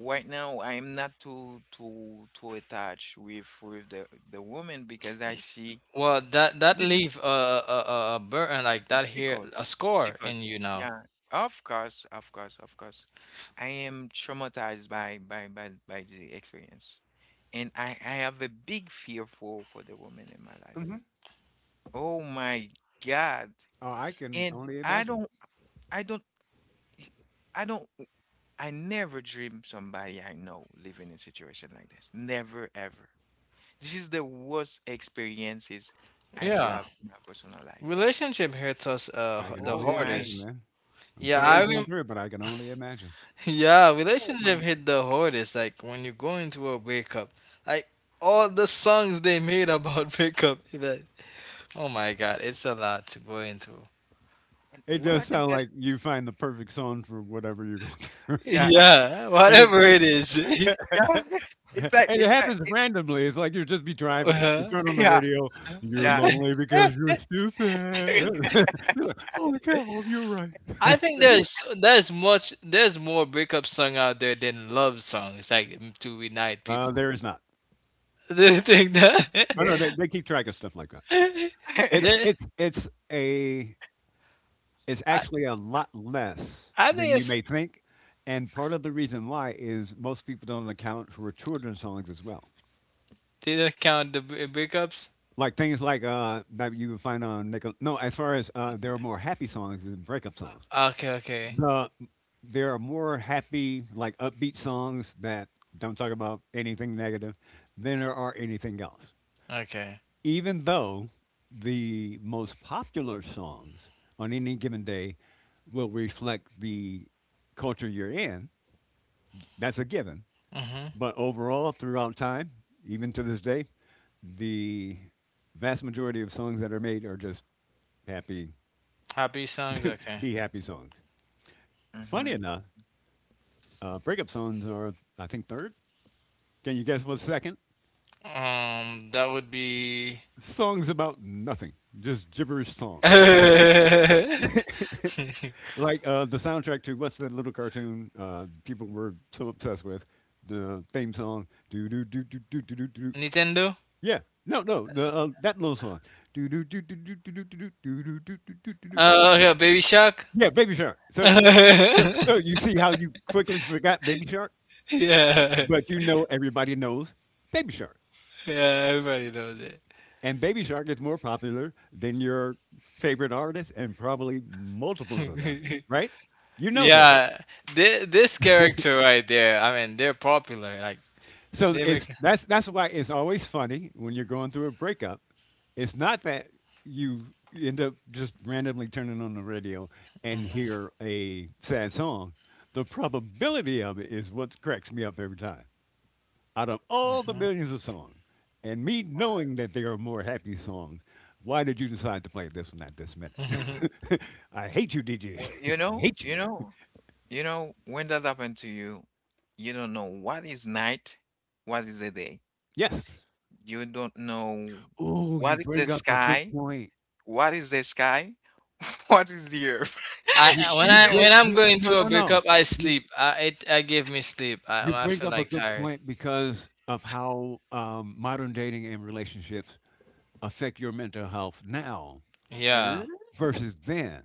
Speaker 1: Right now, I am not too too too attached with the woman because I see.
Speaker 3: Well, that that leave a burden like
Speaker 1: A
Speaker 3: that here
Speaker 1: psycho,
Speaker 3: a score
Speaker 1: psycho.
Speaker 3: in you now.
Speaker 1: Yeah, of course, of course, of course. I am traumatized by the experience, and I have a big fear for the woman in my life.
Speaker 2: Hmm.
Speaker 1: Oh my God!
Speaker 2: Oh, I can
Speaker 1: And
Speaker 2: only
Speaker 1: I
Speaker 2: imagine.
Speaker 1: don't I don't I don't I never dream somebody I know living in a situation like this. Never ever. This is the worst experiences I do
Speaker 3: Yeah,
Speaker 1: have in my personal life.
Speaker 3: relationship hits us
Speaker 2: I can
Speaker 3: the
Speaker 1: Oh
Speaker 2: only
Speaker 1: my,
Speaker 2: imagine,
Speaker 3: hardest.
Speaker 2: man. I'm
Speaker 3: Yeah,
Speaker 2: sorry
Speaker 3: I
Speaker 1: yeah.
Speaker 2: you're going
Speaker 3: rem-
Speaker 2: through it, but I can only imagine.
Speaker 3: <laughs> yeah,
Speaker 1: Oh my.
Speaker 3: relationship hit the hardest. Like when you go into a breakup, like all the songs they made about <laughs> breakup. Like, oh my God, it's a lot to go into. <laughs>
Speaker 1: And
Speaker 2: It
Speaker 1: what
Speaker 2: does
Speaker 1: I can
Speaker 2: sound
Speaker 1: tell
Speaker 2: like you find the perfect song for whatever you're going through.
Speaker 1: yeah. <laughs>
Speaker 3: Yeah,
Speaker 2: <laughs> And
Speaker 3: whatever
Speaker 2: it,
Speaker 3: it is. <laughs>
Speaker 1: Yeah. <laughs> It's
Speaker 2: <laughs>
Speaker 1: like
Speaker 2: and it
Speaker 1: it's like
Speaker 2: happens
Speaker 1: it
Speaker 2: randomly. It's like you just be driving, you
Speaker 3: Uh-huh.
Speaker 2: turn on the
Speaker 1: Yeah,
Speaker 2: radio, "You're
Speaker 1: yeah.
Speaker 2: lonely because you're stupid."
Speaker 1: <laughs>
Speaker 2: <laughs> You're like, "Holy cow, you're right."
Speaker 3: I think there's much there's more breakup song out there than love songs like to unite people.
Speaker 2: There is not.
Speaker 3: Do you think that?
Speaker 2: Oh, no, they keep track of stuff like that.
Speaker 3: <laughs>
Speaker 2: It's
Speaker 3: the,
Speaker 2: it's it's a it's
Speaker 3: I,
Speaker 2: actually a lot less
Speaker 3: I
Speaker 2: than
Speaker 3: think
Speaker 2: you
Speaker 3: it's.
Speaker 2: may think, and part of the reason why is most people don't account for children's songs as well.
Speaker 3: Did not count the breakups?
Speaker 2: Like things like, that you would find on Nickel No, as far as, there are more happy songs than breakup songs.
Speaker 3: Okay, okay,
Speaker 2: The there are more happy, like upbeat songs that don't talk about anything negative than there are anything else.
Speaker 3: okay.
Speaker 2: Even though the most popular songs on any given day will reflect the culture you're in, that's a given.
Speaker 3: Mm-hmm.
Speaker 2: But overall, throughout time, even to this day, the vast majority of songs that are made are just happy,
Speaker 3: Happy songs, okay.
Speaker 2: be happy songs. Funny
Speaker 1: Mhm.
Speaker 2: enough, breakup songs are, I think, third. Can you guess what's second?
Speaker 3: That would be.
Speaker 2: Songs about nothing, just gibberish song.
Speaker 3: <laughs>
Speaker 2: Like the soundtrack to what's that little cartoon people were so obsessed with? The theme song. Do do do do do do do do.
Speaker 3: Nintendo?
Speaker 2: Yeah. No, no, the that little song. Do do do do do do do do do do do do do do do.
Speaker 3: Oh, okay, Baby Shark?
Speaker 2: Yeah, Baby Shark.
Speaker 3: <laughs>
Speaker 2: So,
Speaker 3: Yeah,
Speaker 2: so, so you see how you quickly forgot Baby Shark,
Speaker 3: yeah,
Speaker 2: but you know everybody knows Baby Shark.
Speaker 3: everybody knows
Speaker 2: And Baby Shark is more popular than your favorite artist and probably multiples of them,
Speaker 3: it.
Speaker 2: right? You
Speaker 3: <laughs>
Speaker 2: know that.
Speaker 3: Yeah, this
Speaker 2: <laughs>
Speaker 3: character right there, I mean, they're popular. Like,
Speaker 2: So
Speaker 3: they
Speaker 2: it's
Speaker 3: make.
Speaker 2: that's why it's always funny when you're going through a breakup. It's not that you end up just randomly turning on the radio and hear a sad song. The probability of it is what cracks me up every time. Out of all the millions of songs, and me knowing that there are more happy songs, why did you decide to play this one at this minute?
Speaker 3: <laughs>
Speaker 2: <laughs> I hate you, DJ.
Speaker 1: Well,
Speaker 2: <laughs>
Speaker 1: you
Speaker 2: I
Speaker 1: know,
Speaker 2: hate you.
Speaker 1: you know, you know, when that happened to you, you don't know what is night, what is the day.
Speaker 2: Yes.
Speaker 1: You don't know
Speaker 2: Oh, you
Speaker 1: what is the
Speaker 2: bring up a good
Speaker 1: sky,
Speaker 2: point.
Speaker 1: what is the sky? <laughs> What is the earth?
Speaker 2: You
Speaker 3: When
Speaker 2: you
Speaker 1: <laughs>
Speaker 3: I
Speaker 2: bring
Speaker 3: when I'm
Speaker 2: you
Speaker 3: going
Speaker 2: no
Speaker 3: through a
Speaker 2: no no.
Speaker 3: breakup, I
Speaker 2: You
Speaker 3: sleep. I give me sleep.
Speaker 2: you
Speaker 3: I
Speaker 2: bring
Speaker 3: feel
Speaker 2: up a
Speaker 3: like
Speaker 2: good
Speaker 3: tired.
Speaker 2: point because of how modern dating and relationships affect your mental health now
Speaker 1: A
Speaker 3: Yeah.
Speaker 1: l-
Speaker 2: versus then.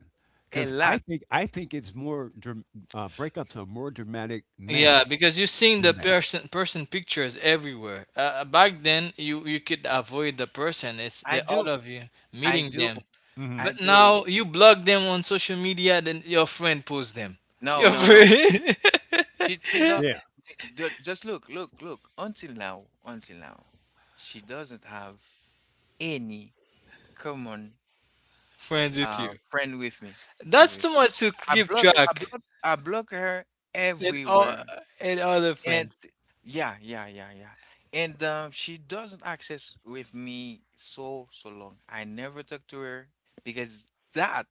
Speaker 1: a
Speaker 2: Because I
Speaker 1: lot.
Speaker 2: think I think it's more breakups are more dramatic
Speaker 3: Yeah,
Speaker 2: now
Speaker 3: because you're seeing the
Speaker 2: than.
Speaker 3: person pictures everywhere. Back then, you could avoid the person. It's
Speaker 1: I
Speaker 3: the all
Speaker 1: do.
Speaker 3: of you
Speaker 1: I
Speaker 3: meeting
Speaker 1: do.
Speaker 3: them.
Speaker 2: Mhm.
Speaker 1: I
Speaker 3: But
Speaker 1: do.
Speaker 3: now you block them on social media, then your friend posts them.
Speaker 1: No,
Speaker 3: Your
Speaker 1: no,
Speaker 3: <laughs>
Speaker 1: no.
Speaker 3: friend
Speaker 1: She do,
Speaker 2: Yeah.
Speaker 1: do just look, look, look. Until now, she doesn't have any common
Speaker 3: friends with you.
Speaker 1: friend with me.
Speaker 3: That's
Speaker 1: Me-
Speaker 3: too much to
Speaker 1: I
Speaker 3: keep
Speaker 1: block I
Speaker 3: track.
Speaker 1: block I block her
Speaker 3: It all
Speaker 1: everywhere.
Speaker 3: it all the
Speaker 1: And
Speaker 3: friends.
Speaker 1: yeah, yeah, yeah, yeah. And she doesn't access with me so so long. I never talk to her because that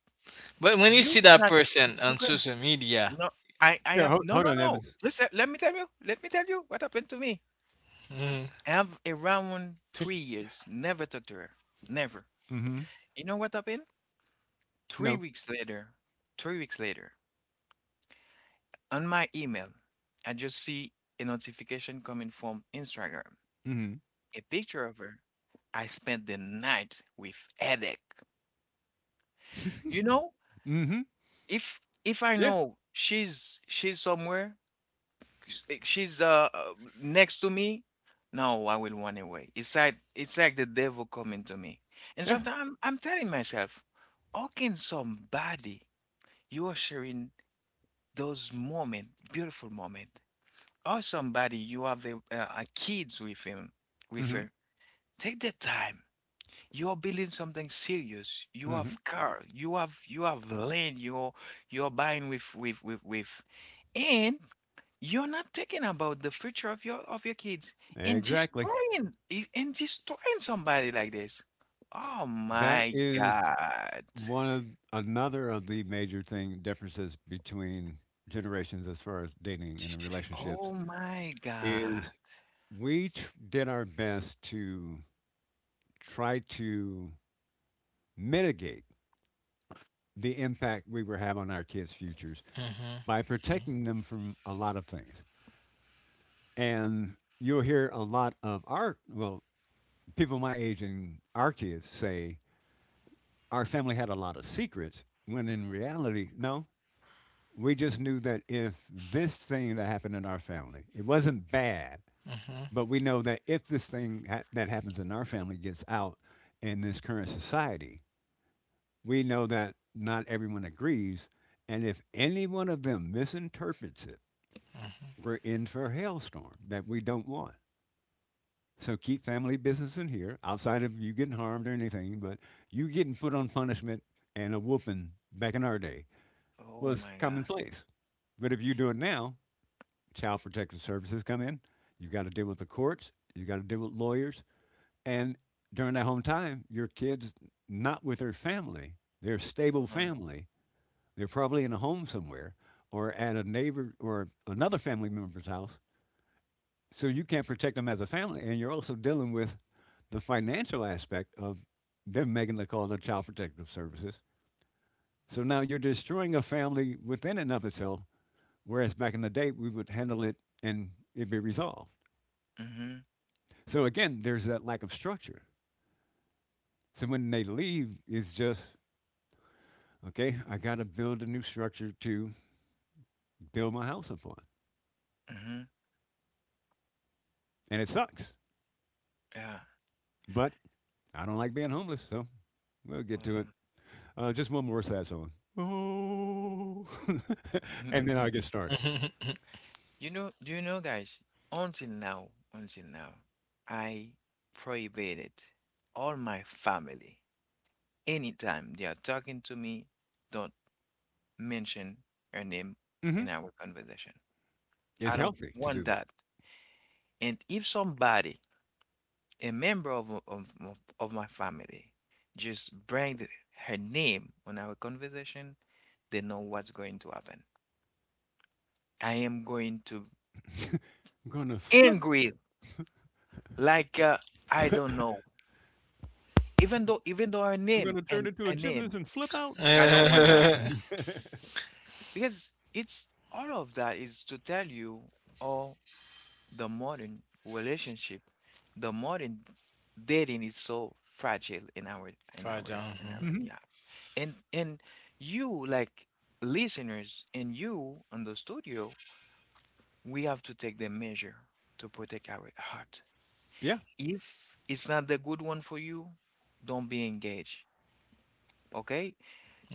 Speaker 3: But when you see
Speaker 1: you
Speaker 3: that
Speaker 1: not
Speaker 3: person
Speaker 1: you
Speaker 3: on
Speaker 1: can
Speaker 3: social media,
Speaker 1: no. I
Speaker 2: Yeah,
Speaker 1: have
Speaker 2: ho
Speaker 1: no
Speaker 2: hold
Speaker 1: no
Speaker 2: on,
Speaker 1: no.
Speaker 2: Evans.
Speaker 1: Listen, let me tell you. Let me tell you what happened to me.
Speaker 3: mhm,
Speaker 1: I have around 3 years never talked to her. Never.
Speaker 2: Mhm.
Speaker 1: You know what happened? Three
Speaker 2: No.
Speaker 1: weeks later. 3 weeks later, on my email, I just see a notification coming from Instagram.
Speaker 2: Mhm.
Speaker 1: A picture of her. I spent the night with headache. You know,
Speaker 2: Mhm.
Speaker 1: if I
Speaker 2: Yeah,
Speaker 1: know she's somewhere, she's next to me, no, I will run away. It's like the devil coming to me. And
Speaker 2: yeah.
Speaker 1: sometimes I'm telling myself, how can somebody you are sharing those moment, beautiful moment, or somebody you have a kids with him, with
Speaker 2: Mhm,
Speaker 1: her, take the time you are building something serious. You
Speaker 2: mhm.
Speaker 1: have car, you have land, you're buying with and you're not thinking about the future of your kids and
Speaker 2: Exactly.
Speaker 1: destroying and destroying somebody like this. Oh
Speaker 2: That
Speaker 1: my
Speaker 2: is
Speaker 1: God.
Speaker 2: one of another of the major thing differences between generations as far as dating and in relationships
Speaker 1: Oh my God.
Speaker 2: is we tr did our best to try to mitigate the impact we were having on our kids' futures
Speaker 3: mhm,
Speaker 2: by protecting them from a lot of things, and you'll hear a lot of our well, people my age and our kids say our family had a lot of secrets, when in reality, no. We just knew that if this thing that happened in our family, it wasn't bad,
Speaker 3: mhm,
Speaker 2: but we know that if this thing that happens in our family gets out in this current society, we know that not everyone agrees. And if any one of them misinterprets it, we're in for a hailstorm that we don't want. So keep family business in here, outside of you getting harmed or anything, but you getting put on punishment and a whooping back in our day
Speaker 1: Oh
Speaker 2: was
Speaker 1: my God.
Speaker 2: commonplace. But if you do it now, child protective services come in. You've got to deal with the courts. You've got to deal with lawyers. And during that home time, your kids not with their family, their stable
Speaker 1: Uh-huh.
Speaker 2: family. They're probably in a home somewhere or at a neighbor or another family member's house so you can't protect them as a family, and you're also dealing with the financial aspect of them making the call to Child Protective Services. So now you're destroying a family within and of itself, whereas back in the day we would handle it and it'd be resolved.
Speaker 1: Mm-hmm.
Speaker 2: So again, there's that lack of structure. So when they leave, it's just okay. I got to build a new structure to build my house upon,
Speaker 1: Mm-hmm.
Speaker 2: and it sucks.
Speaker 1: Yeah.
Speaker 2: But I don't like being homeless, so we'll get to it. Just one more sad song. Oh, <laughs>
Speaker 1: Well,
Speaker 2: and then I get
Speaker 1: <laughs>
Speaker 2: started.
Speaker 3: mhm.
Speaker 1: you know, do you know, guys, until now, until now, I prohibited all my family. Anytime they are talking to me, don't mention her name
Speaker 2: Hmm.
Speaker 1: in our conversation.
Speaker 2: It's
Speaker 1: I don't
Speaker 2: healthy to
Speaker 1: want
Speaker 2: do that.
Speaker 1: that. And if somebody, a member of my family, just bring her name on our conversation, they know what's going to happen. I am going to
Speaker 2: I'm gonna flip.
Speaker 1: angry like I don't know. Even though her
Speaker 2: I'm
Speaker 1: name
Speaker 2: gonna turn
Speaker 1: and
Speaker 2: into a
Speaker 1: her name,
Speaker 2: gymnast and flip out.
Speaker 1: I don't wanna
Speaker 3: Uh,
Speaker 2: <laughs>
Speaker 1: because it's all of that is to tell you all the modern relationship, the modern dating is so fragile in our in
Speaker 3: fried,
Speaker 1: our
Speaker 3: <laughs>
Speaker 1: in
Speaker 3: mhm.
Speaker 1: our
Speaker 2: Hmm.
Speaker 1: yeah. And you like listeners and you on the studio, we have to take the measure to protect our heart.
Speaker 2: Yeah.
Speaker 1: If it's not the good one for you, don't be engaged. Okay?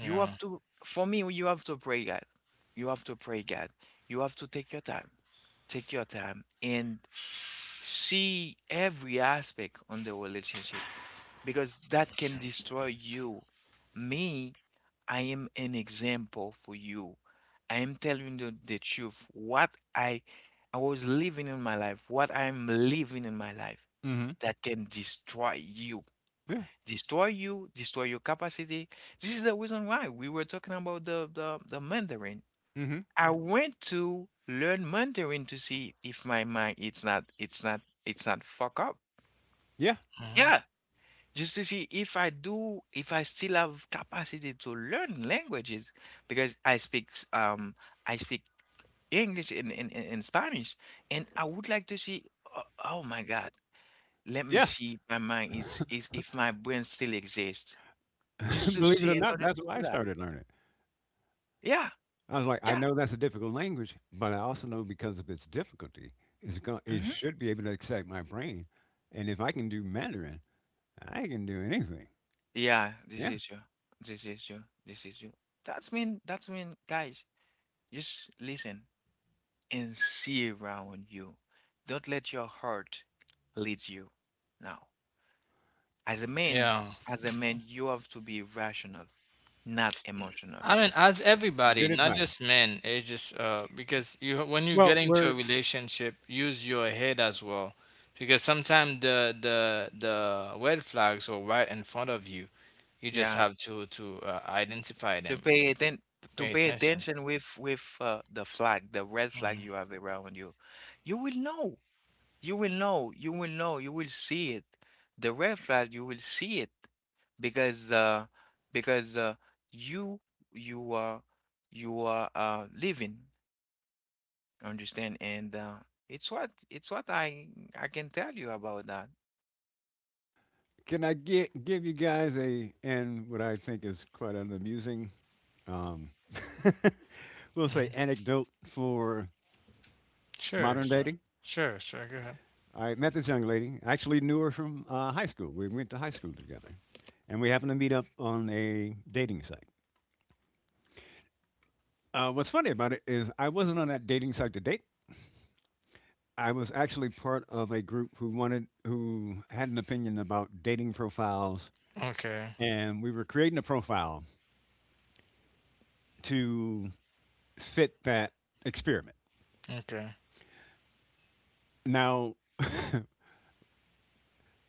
Speaker 1: You have to, for me, you have to pray God. You have to pray God. You have to take your time. Take your time and see every aspect on the relationship because that can destroy you. Me, I am an example for you. I am telling you the truth. What I was living in my life, what I'm living in my life
Speaker 2: Hmm.
Speaker 1: that can destroy you,
Speaker 2: Yeah.
Speaker 1: destroy you, destroy your capacity. This is the reason why we were talking about the Mandarin.
Speaker 2: Hmm.
Speaker 1: I went to learn Mandarin to see if my mind it's not it's not it's not fuck up.
Speaker 2: Yeah.
Speaker 3: Mhm.
Speaker 1: Yeah. Just to see if I do if I still have capacity to learn languages because I speak I speak English and in Spanish and I would like to see, oh, oh my God, let me
Speaker 2: Yeah.
Speaker 1: see if my mind is if my brain still exists. Just
Speaker 2: <laughs>
Speaker 1: to
Speaker 2: Believe it or
Speaker 1: see, in
Speaker 2: not,
Speaker 1: order to
Speaker 2: that's why
Speaker 1: see
Speaker 2: I
Speaker 1: that.
Speaker 2: started learning.
Speaker 1: Yeah,
Speaker 2: I was like, I
Speaker 1: yeah,
Speaker 2: know that's a difficult language, but I also know because of its difficulty, it
Speaker 1: mhm.
Speaker 2: should be able to excite my brain. And if I can do Mandarin, I can do anything.
Speaker 1: Yeah, this
Speaker 2: Yeah.
Speaker 1: is you. This is you. This is you. That's mean, guys, just listen and see around you. Don't let your heart lead you. Now, as a man,
Speaker 3: Yeah.
Speaker 1: as a man, you have to be rational, not emotional.
Speaker 3: I mean, as everybody,
Speaker 2: Good
Speaker 3: not
Speaker 2: advice.
Speaker 3: just men, it's just because you when you get
Speaker 2: Well,
Speaker 3: into a
Speaker 2: we're
Speaker 3: relationship, use your head as well, because sometimes the red flags are right in front of you. You just
Speaker 1: Yeah,
Speaker 3: have to identify
Speaker 1: to
Speaker 3: them.
Speaker 1: pay atten to
Speaker 3: Pay
Speaker 1: pay
Speaker 3: attention.
Speaker 1: attention with the flag, the red flag you
Speaker 3: Hmm.
Speaker 1: have around you. You will know. You will know, you will know, you will see it. The red flag, you will see it because uh because you you are you are living, understand? And it's what I can tell you about that.
Speaker 2: Can I get give you guys a and what I think is quite an amusing, um, <laughs> we'll say
Speaker 3: Hmm.
Speaker 2: anecdote for
Speaker 3: Sure,
Speaker 2: modern
Speaker 3: sure,
Speaker 2: dating.
Speaker 3: sure, sure. Go ahead.
Speaker 2: I met this young lady. I actually knew her from high school. We went to high school together, and we happened to meet up on a dating site. What's funny about it is I wasn't on that dating site to date. I was actually part of a group who had an opinion about dating profiles,
Speaker 3: Okay,
Speaker 2: and we were creating a profile to fit that experiment.
Speaker 3: okay.
Speaker 2: Now, <laughs>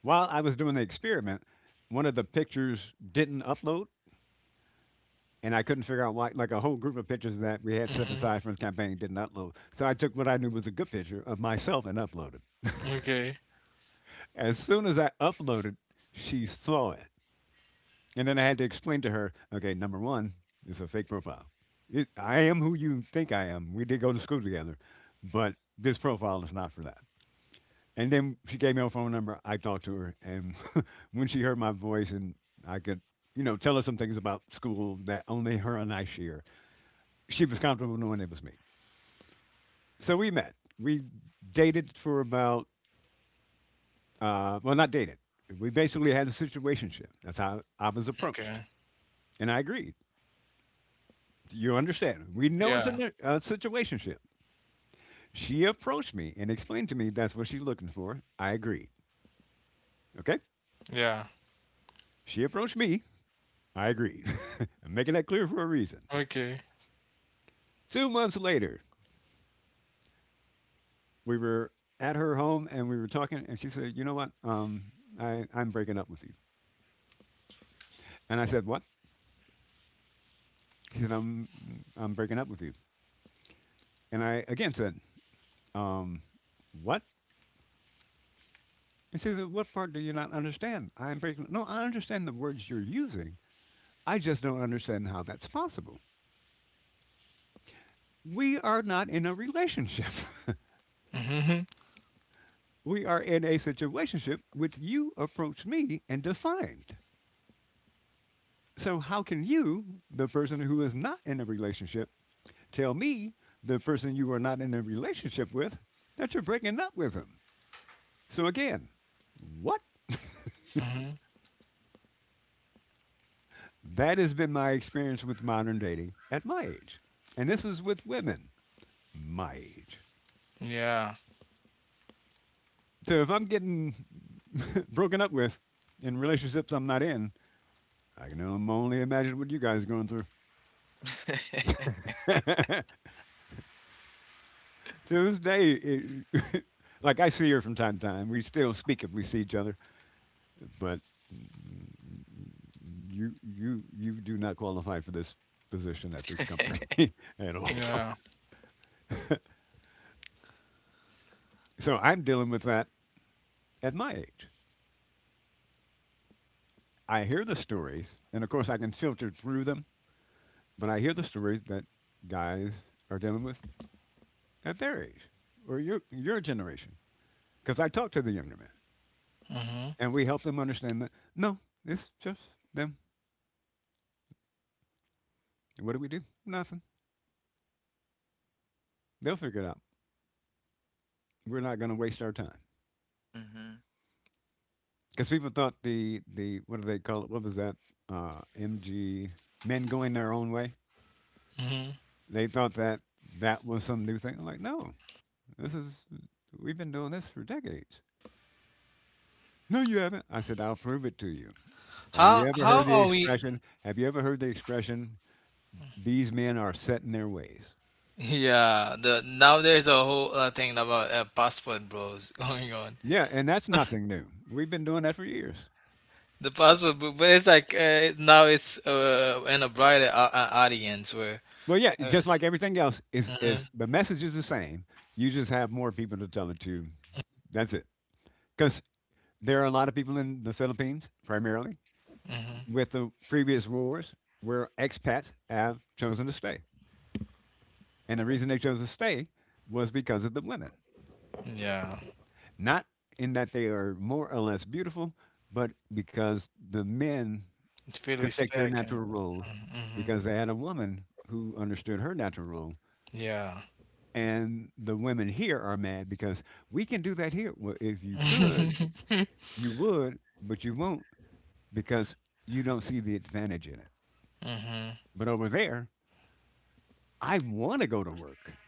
Speaker 2: while I was doing the experiment, one of the pictures didn't upload, and I couldn't figure out why. Like a whole group of pictures that we had set
Speaker 3: Hmm.
Speaker 2: aside for the campaign didn't upload. So I took what I knew was a good picture of myself and uploaded.
Speaker 3: Okay,
Speaker 2: As soon as I uploaded, she saw it. And then I had to explain to her, okay, number one, it's a fake profile. It, I am who you think I am. We did go to school together, but this profile is not for that. And then she gave me her phone number. I talked to her, and <laughs> when she heard my voice and I could, tell her some things about school that only her and I share, she was comfortable knowing it was me. So we met. We dated for about, well, not dated. We basically had a situationship. That's how I was approached,
Speaker 3: okay.
Speaker 2: and I agreed. You understand? We know it's a,
Speaker 3: Yeah.
Speaker 2: ne- a situationship. She approached me and explained to me that's what she's looking for. I agreed. Okay.
Speaker 3: Yeah.
Speaker 2: She approached me. I agreed. <laughs> I'm making that clear for a reason.
Speaker 3: Okay.
Speaker 2: 2 months later, we were at her home and we were talking, and she said, "You know what? I'm breaking up with you." And I said, "What?" She said, I'm breaking up with you." And I again said, um, "What?" And she said, "What part do you not understand? I'm breaking. No, I understand the words you're using. I just don't understand how that's possible. We are not in a relationship. <laughs>
Speaker 3: Mm-hmm.
Speaker 2: We are in a situationship which you approached me and defined. So how can you, the person who is not in a relationship, tell me, the person you are not in a relationship with, that you're breaking up with him. So again, what?
Speaker 3: Mm-hmm.
Speaker 2: That has been my experience with modern dating at my age. And this is with women my age.
Speaker 3: Yeah.
Speaker 2: So if I'm getting <laughs> broken up with in relationships I'm not in, I can only imagine what you guys are going through.
Speaker 1: <laughs>
Speaker 2: <laughs> To this day, it, <laughs> like I see her from time to time. We still speak if we see each other. But mm, you do not qualify for this position at this company <laughs> at all.
Speaker 3: Yeah.
Speaker 2: So I'm dealing with that at my age. I hear the stories, and of course I can filter through them, but I hear the stories that guys are dealing with at their age or your generation. Because I talk to the younger men,
Speaker 3: Mm-hmm.
Speaker 2: and we help them understand that no, it's just them. What do we do? Nothing. They'll figure it out. We're not going to waste our time.
Speaker 1: Hmm.
Speaker 2: Because people thought the what do they call it? What was that? MG, men going their own way.
Speaker 3: Mm-hmm.
Speaker 2: They thought that that was some new thing. I'm like, no, this is we've been doing this for decades. No, you haven't. I said, I'll prove it to you. Have you ever heard
Speaker 3: How
Speaker 2: the
Speaker 3: are we? <laughs>
Speaker 2: expression? Have you ever heard the expression? These men are set in their ways.
Speaker 3: Yeah. The now there's a whole thing about passport bros <laughs> going on.
Speaker 2: Yeah, and that's nothing new. We've been doing that for years.
Speaker 3: The passport, bro, but it's like now it's in a broader audience where.
Speaker 2: Well, yeah,
Speaker 3: Uh,
Speaker 2: just like everything else, is
Speaker 3: hmm.
Speaker 2: is the message is the same. You just have more people to tell it to. That's it. Because there are a lot of people in the Philippines, primarily,
Speaker 3: Hmm.
Speaker 2: with the previous rulers, where expats have chosen to stay. And the reason they chose to stay was because of the women.
Speaker 3: Yeah.
Speaker 2: Not in that they are more or less beautiful, but because the men
Speaker 3: It's really
Speaker 2: could take their
Speaker 3: respect and.
Speaker 2: natural roles
Speaker 3: Mm-hmm. Mm-hmm.
Speaker 2: because they had a woman who understood her natural role.
Speaker 3: Yeah.
Speaker 2: And the women here are mad because we can do that here. Well, if you could,
Speaker 3: <laughs>
Speaker 2: you would, but you won't because you don't see the advantage in it.
Speaker 3: Mm-hmm.
Speaker 2: But over there, I want to go to work.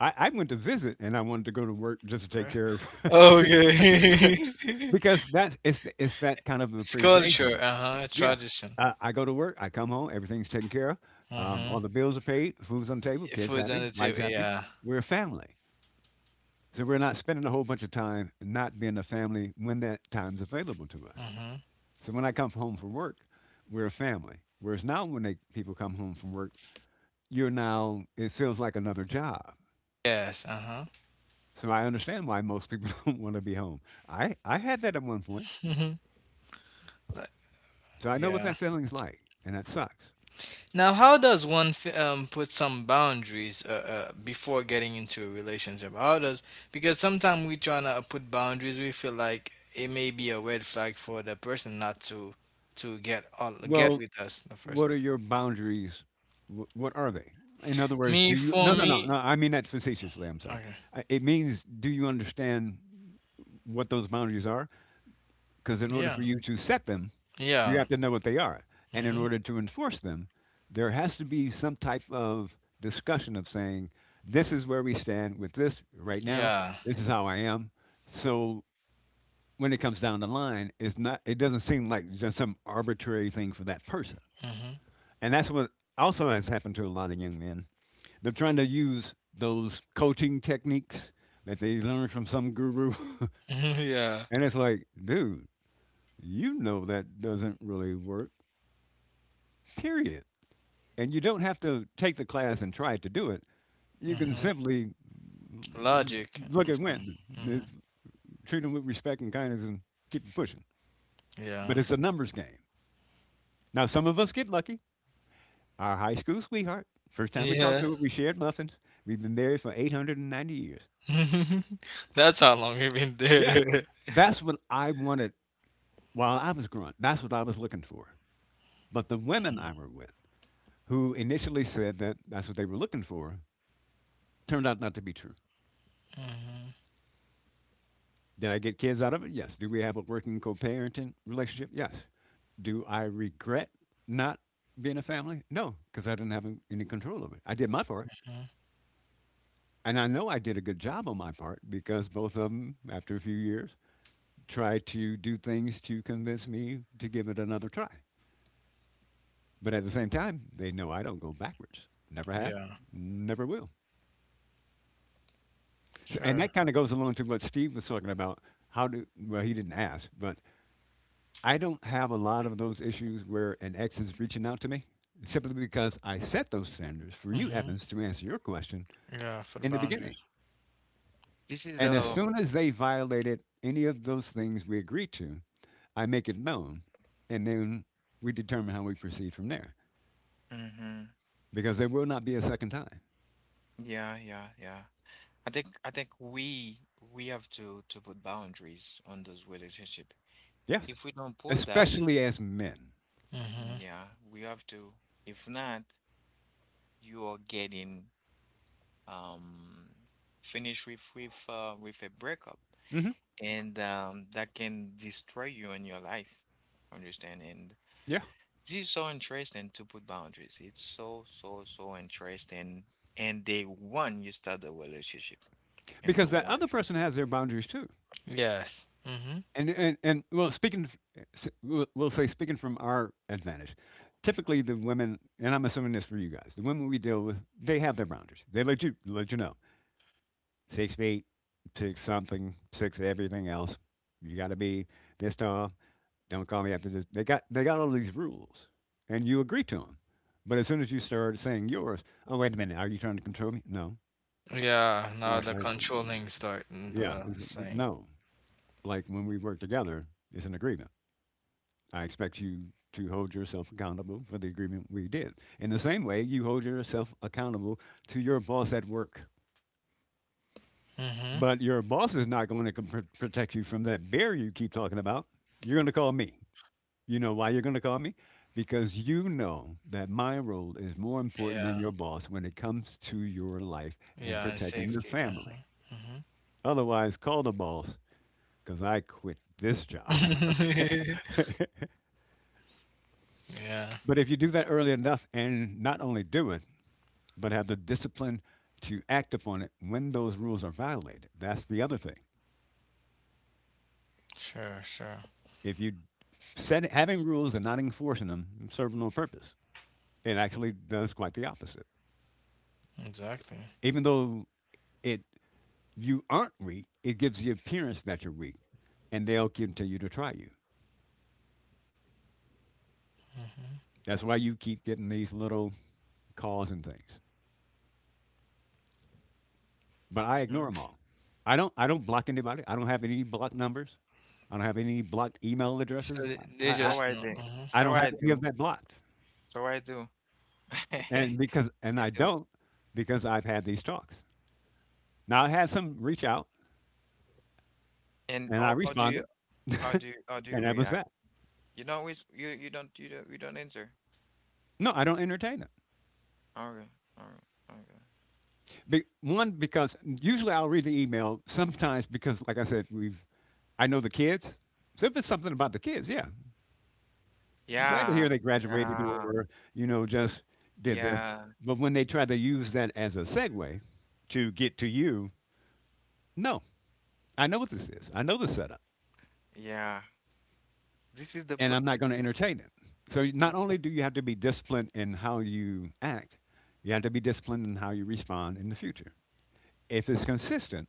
Speaker 2: I went to visit and I wanted to go to work just to take care of
Speaker 3: Okay.
Speaker 2: <laughs>
Speaker 3: <laughs>
Speaker 2: because that's it's th- it's that kind of
Speaker 3: It's culture,
Speaker 2: appreciation.
Speaker 3: uh huh,
Speaker 2: Yeah.
Speaker 3: tradition.
Speaker 2: I go to work, I come home, everything's taken care of. All
Speaker 3: Mm-hmm.
Speaker 2: the bills are paid, food's on the table, kids
Speaker 3: Food on
Speaker 2: happy,
Speaker 3: the
Speaker 2: wife's
Speaker 3: table.
Speaker 2: happy.
Speaker 3: Yeah.
Speaker 2: We're a family. So we're not spending a whole bunch of time not being a family when that time's available to us.
Speaker 3: Mm-hmm.
Speaker 2: So when I come home from work, we're a family. Whereas now when they, people come home from work, you're now, it feels like another job.
Speaker 3: Yes. Uh huh.
Speaker 2: So I understand why most people <laughs> don't want to be home. I had that at one point.
Speaker 3: Mm-hmm. Like,
Speaker 2: So I know what
Speaker 3: yeah.
Speaker 2: that feeling's like, and that sucks.
Speaker 3: Now, how does one put some boundaries before getting into a relationship? How does because sometimes we trying to put boundaries, we feel like it may be a red flag for the person not to to get all, get
Speaker 2: Well,
Speaker 3: with us the
Speaker 2: what
Speaker 3: first
Speaker 2: are
Speaker 3: time.
Speaker 2: your boundaries? Wh- What are they? In other words, do
Speaker 3: Me
Speaker 2: you?
Speaker 3: for
Speaker 2: No, no, no,
Speaker 3: me,
Speaker 2: no. I mean that facetiously. I'm sorry.
Speaker 3: okay.
Speaker 2: I- It means, do you understand what those boundaries are? Because in order
Speaker 3: Yeah.
Speaker 2: for you to set them, you
Speaker 3: Yeah.
Speaker 2: have to know what they are. And in
Speaker 3: Mhm.
Speaker 2: order to enforce them, there has to be some type of discussion of saying, this is where we stand with this right now.
Speaker 3: Yeah.
Speaker 2: This is how I am. So when it comes down the line, it's not, it doesn't seem like just some arbitrary thing for that person.
Speaker 3: Mhm.
Speaker 2: And that's what also has happened to a lot of young men. They're trying to use those coaching techniques that they learned from some guru. <laughs>
Speaker 3: <laughs> Yeah.
Speaker 2: And it's like, dude, you know that doesn't really work, period. And you don't have to take the class and try to do it. You can
Speaker 3: Mhm.
Speaker 2: simply
Speaker 3: Logic.
Speaker 2: look at
Speaker 3: Mhm.
Speaker 2: when,
Speaker 3: Mhm.
Speaker 2: it's treat them with respect and kindness and keep it pushing. But
Speaker 3: Yeah.
Speaker 2: it's a numbers game. Now, some of us get lucky. Our high school sweetheart, first time we talked
Speaker 3: Yeah.
Speaker 2: to her, we shared muffins. We've been married for 890 years.
Speaker 3: <laughs> That's how long you've been
Speaker 2: Yeah,
Speaker 3: there. <laughs>
Speaker 2: that's what I wanted while I was growing. That's what I was looking for. But the women I were with, who initially said that that's what they were looking for, turned out not to be true.
Speaker 3: Hmm.
Speaker 2: Did I get kids out of it? Yes. Do we have a working co parenting relationship? Yes. Do I regret not being a family? No, because I didn't have an- any control over it. I did my part. And I know I did a good job on my part because both of them, after a few years, tried to do things to convince me to give it another try. But at the same time, they know I don't go backwards. Never have,
Speaker 3: Yeah,
Speaker 2: never will. So, and
Speaker 3: sure.
Speaker 2: that kind of goes along to what Steve was talking about. How do, well, he didn't ask, but I don't have a lot of those issues where an ex is reaching out to me simply because I set those standards for you,
Speaker 3: Hmm.
Speaker 2: Evans, to answer your question
Speaker 3: Yeah, for the
Speaker 2: in the beginning.
Speaker 3: boundaries.
Speaker 1: This is
Speaker 2: And as
Speaker 1: the
Speaker 2: soon as they violated any of those things we agreed to, I make it known and then we determine how we proceed from there
Speaker 1: hmm.
Speaker 2: because there will not be a second time.
Speaker 1: Yeah, yeah, yeah. I think we have to put boundaries on those relationship.
Speaker 2: Yes,
Speaker 1: If we don't put that,
Speaker 2: especially as men.
Speaker 1: mm,
Speaker 3: Hmm.
Speaker 1: yeah, we have to. If not, you are getting um finished with a breakup,
Speaker 2: Hmm
Speaker 1: and that can destroy you in your life. Understand? And
Speaker 2: Yeah,
Speaker 1: this is so interesting to put boundaries. It's so so so interesting. And they want you start the relationship, and they
Speaker 2: because that other
Speaker 1: want.
Speaker 2: person has their boundaries too.
Speaker 3: Yes. Hmm.
Speaker 2: And well, speaking, f- s- we'll say speaking from our advantage, typically the women, and I'm assuming this for you guys, the women we deal with, they have their boundaries. They let you know 6 feet, six something, six everything else. You got to be this tall. Don't call me after this. They got all these rules, and you agree to them. But as soon as you start saying yours, oh wait a minute, are you trying to control me? No,
Speaker 3: Yeah,
Speaker 2: no,
Speaker 3: now the controlling start and
Speaker 2: yeah,
Speaker 3: the
Speaker 2: it's-
Speaker 3: saying.
Speaker 2: no. Like when we work together, it's an agreement. I expect you to hold yourself accountable for the agreement we did. In the same way, you hold yourself accountable to your boss at work.
Speaker 3: Hmm.
Speaker 2: But your boss is not going to com- protect you from that bear you keep talking about. You're going to call me. You know why you're going to call me? Because you know that my role is more important than
Speaker 3: Yeah,
Speaker 2: your boss when it comes to your life and
Speaker 3: yeah, and
Speaker 2: protecting the
Speaker 3: safety.
Speaker 2: family.
Speaker 3: Hmm. Hmm.
Speaker 2: Otherwise, call the boss because I quit this job.
Speaker 3: <laughs>
Speaker 2: <laughs>
Speaker 3: Yeah,
Speaker 2: But if you do that early enough and not only do it, but have the discipline to act upon it when those rules are violated. That's the other thing.
Speaker 3: sure, sure.
Speaker 2: If you set having rules and not enforcing them serve no purpose. It actually does quite the opposite.
Speaker 3: Exactly.
Speaker 2: Even though it you aren't weak, it gives the appearance that you're weak, and they'll continue to try you.
Speaker 3: Hmm.
Speaker 2: That's why you keep getting these little calls and things. But I ignore
Speaker 1: Hmm.
Speaker 2: them all. I don't block anybody. I don't have any blocked numbers. I don't have any blocked email
Speaker 3: So
Speaker 2: addresses.
Speaker 3: they
Speaker 2: I I,
Speaker 1: So
Speaker 3: just
Speaker 1: I
Speaker 3: know.
Speaker 1: do.
Speaker 3: Hmm.
Speaker 2: I
Speaker 1: So
Speaker 2: don't have
Speaker 1: I
Speaker 2: any of
Speaker 1: do.
Speaker 2: that blocked.
Speaker 1: So I do. <laughs>
Speaker 2: And
Speaker 1: I
Speaker 2: I
Speaker 1: do.
Speaker 2: don't, because I've had these talks. Now I had some reach out
Speaker 1: And
Speaker 2: and I
Speaker 1: how do you
Speaker 2: responded <laughs>
Speaker 1: how do you, how do you
Speaker 2: and that was
Speaker 1: react?
Speaker 2: that.
Speaker 1: You know, which you don't you don't you don't answer.
Speaker 2: No, I don't entertain it.
Speaker 1: Okay. Okay. Okay.
Speaker 2: One, because usually I'll read the email sometimes, because like I said we've I know the kids. So if it's something about the kids, yeah, I'm glad to hear
Speaker 1: Yeah.
Speaker 2: they graduated
Speaker 1: Yeah.
Speaker 2: or you know just did this.
Speaker 1: Yeah.
Speaker 2: But when they try to use that as a segue to get to you, no. I know what this is. I know the setup.
Speaker 1: Yeah. This is the
Speaker 2: And
Speaker 1: per
Speaker 2: I'm not
Speaker 1: this
Speaker 2: going to
Speaker 1: is
Speaker 2: entertain it. So
Speaker 1: mm,
Speaker 2: not only do you have to be disciplined in how you act, you have to be disciplined in how you respond in the future. If it's consistent,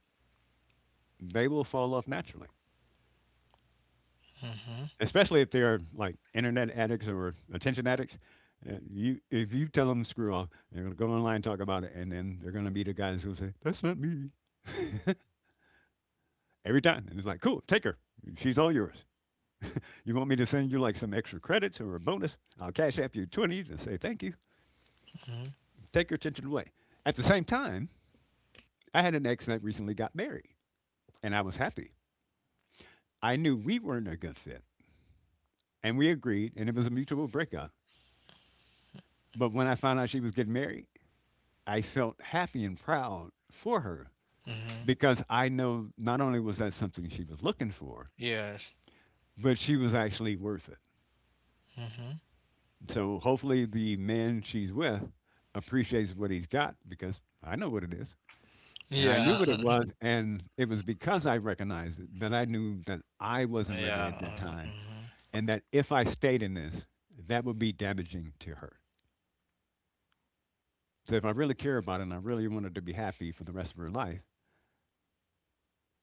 Speaker 2: they will fall off naturally.
Speaker 3: Hmm.
Speaker 2: Especially if they're like internet addicts or attention addicts. If you tell them screw off, they're going to go online and talk about it, and then they're going to be the guys who say, "That's not me." <laughs> Every time, and it's like, "Cool, take her. She's all yours." You want me to send you like some extra credits or a bonus? I'll cash app you twenties and say thank you,
Speaker 3: Hmm.
Speaker 2: take your attention away. At the same time, I had an ex that recently got married, and I was happy. I knew we weren't a good fit, and we agreed, and it was a mutual breakup. But when I found out she was getting married, I felt happy and proud for her,
Speaker 3: Hmm.
Speaker 2: because I know not only was that something she was looking for,
Speaker 3: Yes.
Speaker 2: but she was actually worth it.
Speaker 3: Hmm.
Speaker 2: So hopefully, the man she's with appreciates what he's got, because I know what it is. And I
Speaker 3: Yeah,
Speaker 2: knew what it was, and it was because I recognized it that I knew that I wasn't ready at that
Speaker 3: yeah.
Speaker 2: time,
Speaker 3: Hmm.
Speaker 2: and that if I stayed in this, that would be damaging to her. So if I really care about her and I really wanted to be happy for the rest of her life,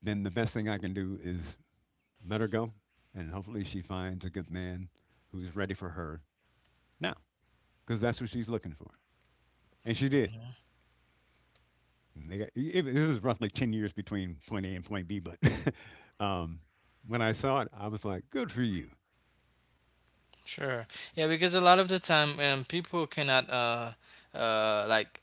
Speaker 2: then the best thing I can do is let her go, and hopefully she finds a good man who's ready for her now, because that's what she's looking for. And she did. And it was roughly 10 years between point A and point B, but <laughs> um, when I saw it, I was like, good for you.
Speaker 3: Sure. Yeah, because a lot of the time, people cannot like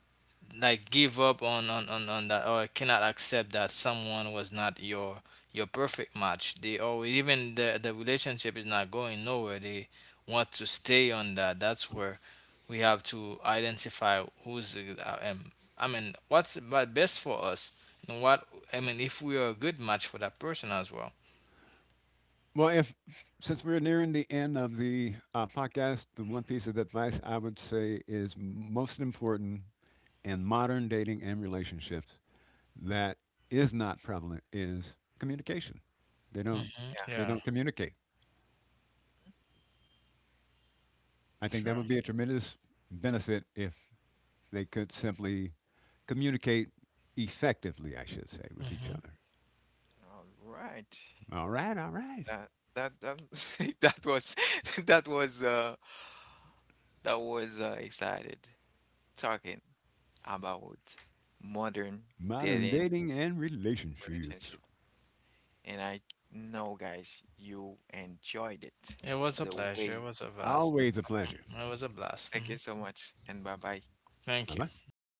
Speaker 3: like give up on that or cannot accept that someone was not your your perfect match. They always, even the relationship is not going nowhere. They want to stay on that. That's where we have to identify who's I mean what's but best for us and what I mean if we are a good match for that person as well.
Speaker 2: Well, if since we're nearing the end of the podcast, the one piece of advice I would say is most important in modern dating and relationships that is not prevalent is communication. They don't
Speaker 3: Hmm.
Speaker 1: yeah.
Speaker 2: they
Speaker 3: Yeah.
Speaker 2: don't communicate. I think that
Speaker 3: Sure.
Speaker 2: would be a tremendous benefit if they could simply communicate effectively, I should say, with each
Speaker 3: Hmm.
Speaker 2: other.
Speaker 1: All right.
Speaker 2: All right.
Speaker 1: That that that <laughs> that was <laughs> that was uh that was excited talking about modern
Speaker 2: Modern
Speaker 1: dating
Speaker 2: dating and relationships.
Speaker 1: relationship. And I know guys you enjoyed it
Speaker 3: It was a
Speaker 1: the
Speaker 3: pleasure. It
Speaker 1: way.
Speaker 3: was a vast.
Speaker 2: Always a pleasure.
Speaker 3: It was a blast.
Speaker 1: Thank
Speaker 3: Mhm.
Speaker 1: you so much and bye bye.
Speaker 3: Thank
Speaker 2: Bye
Speaker 3: you.
Speaker 2: bye.
Speaker 3: Bye.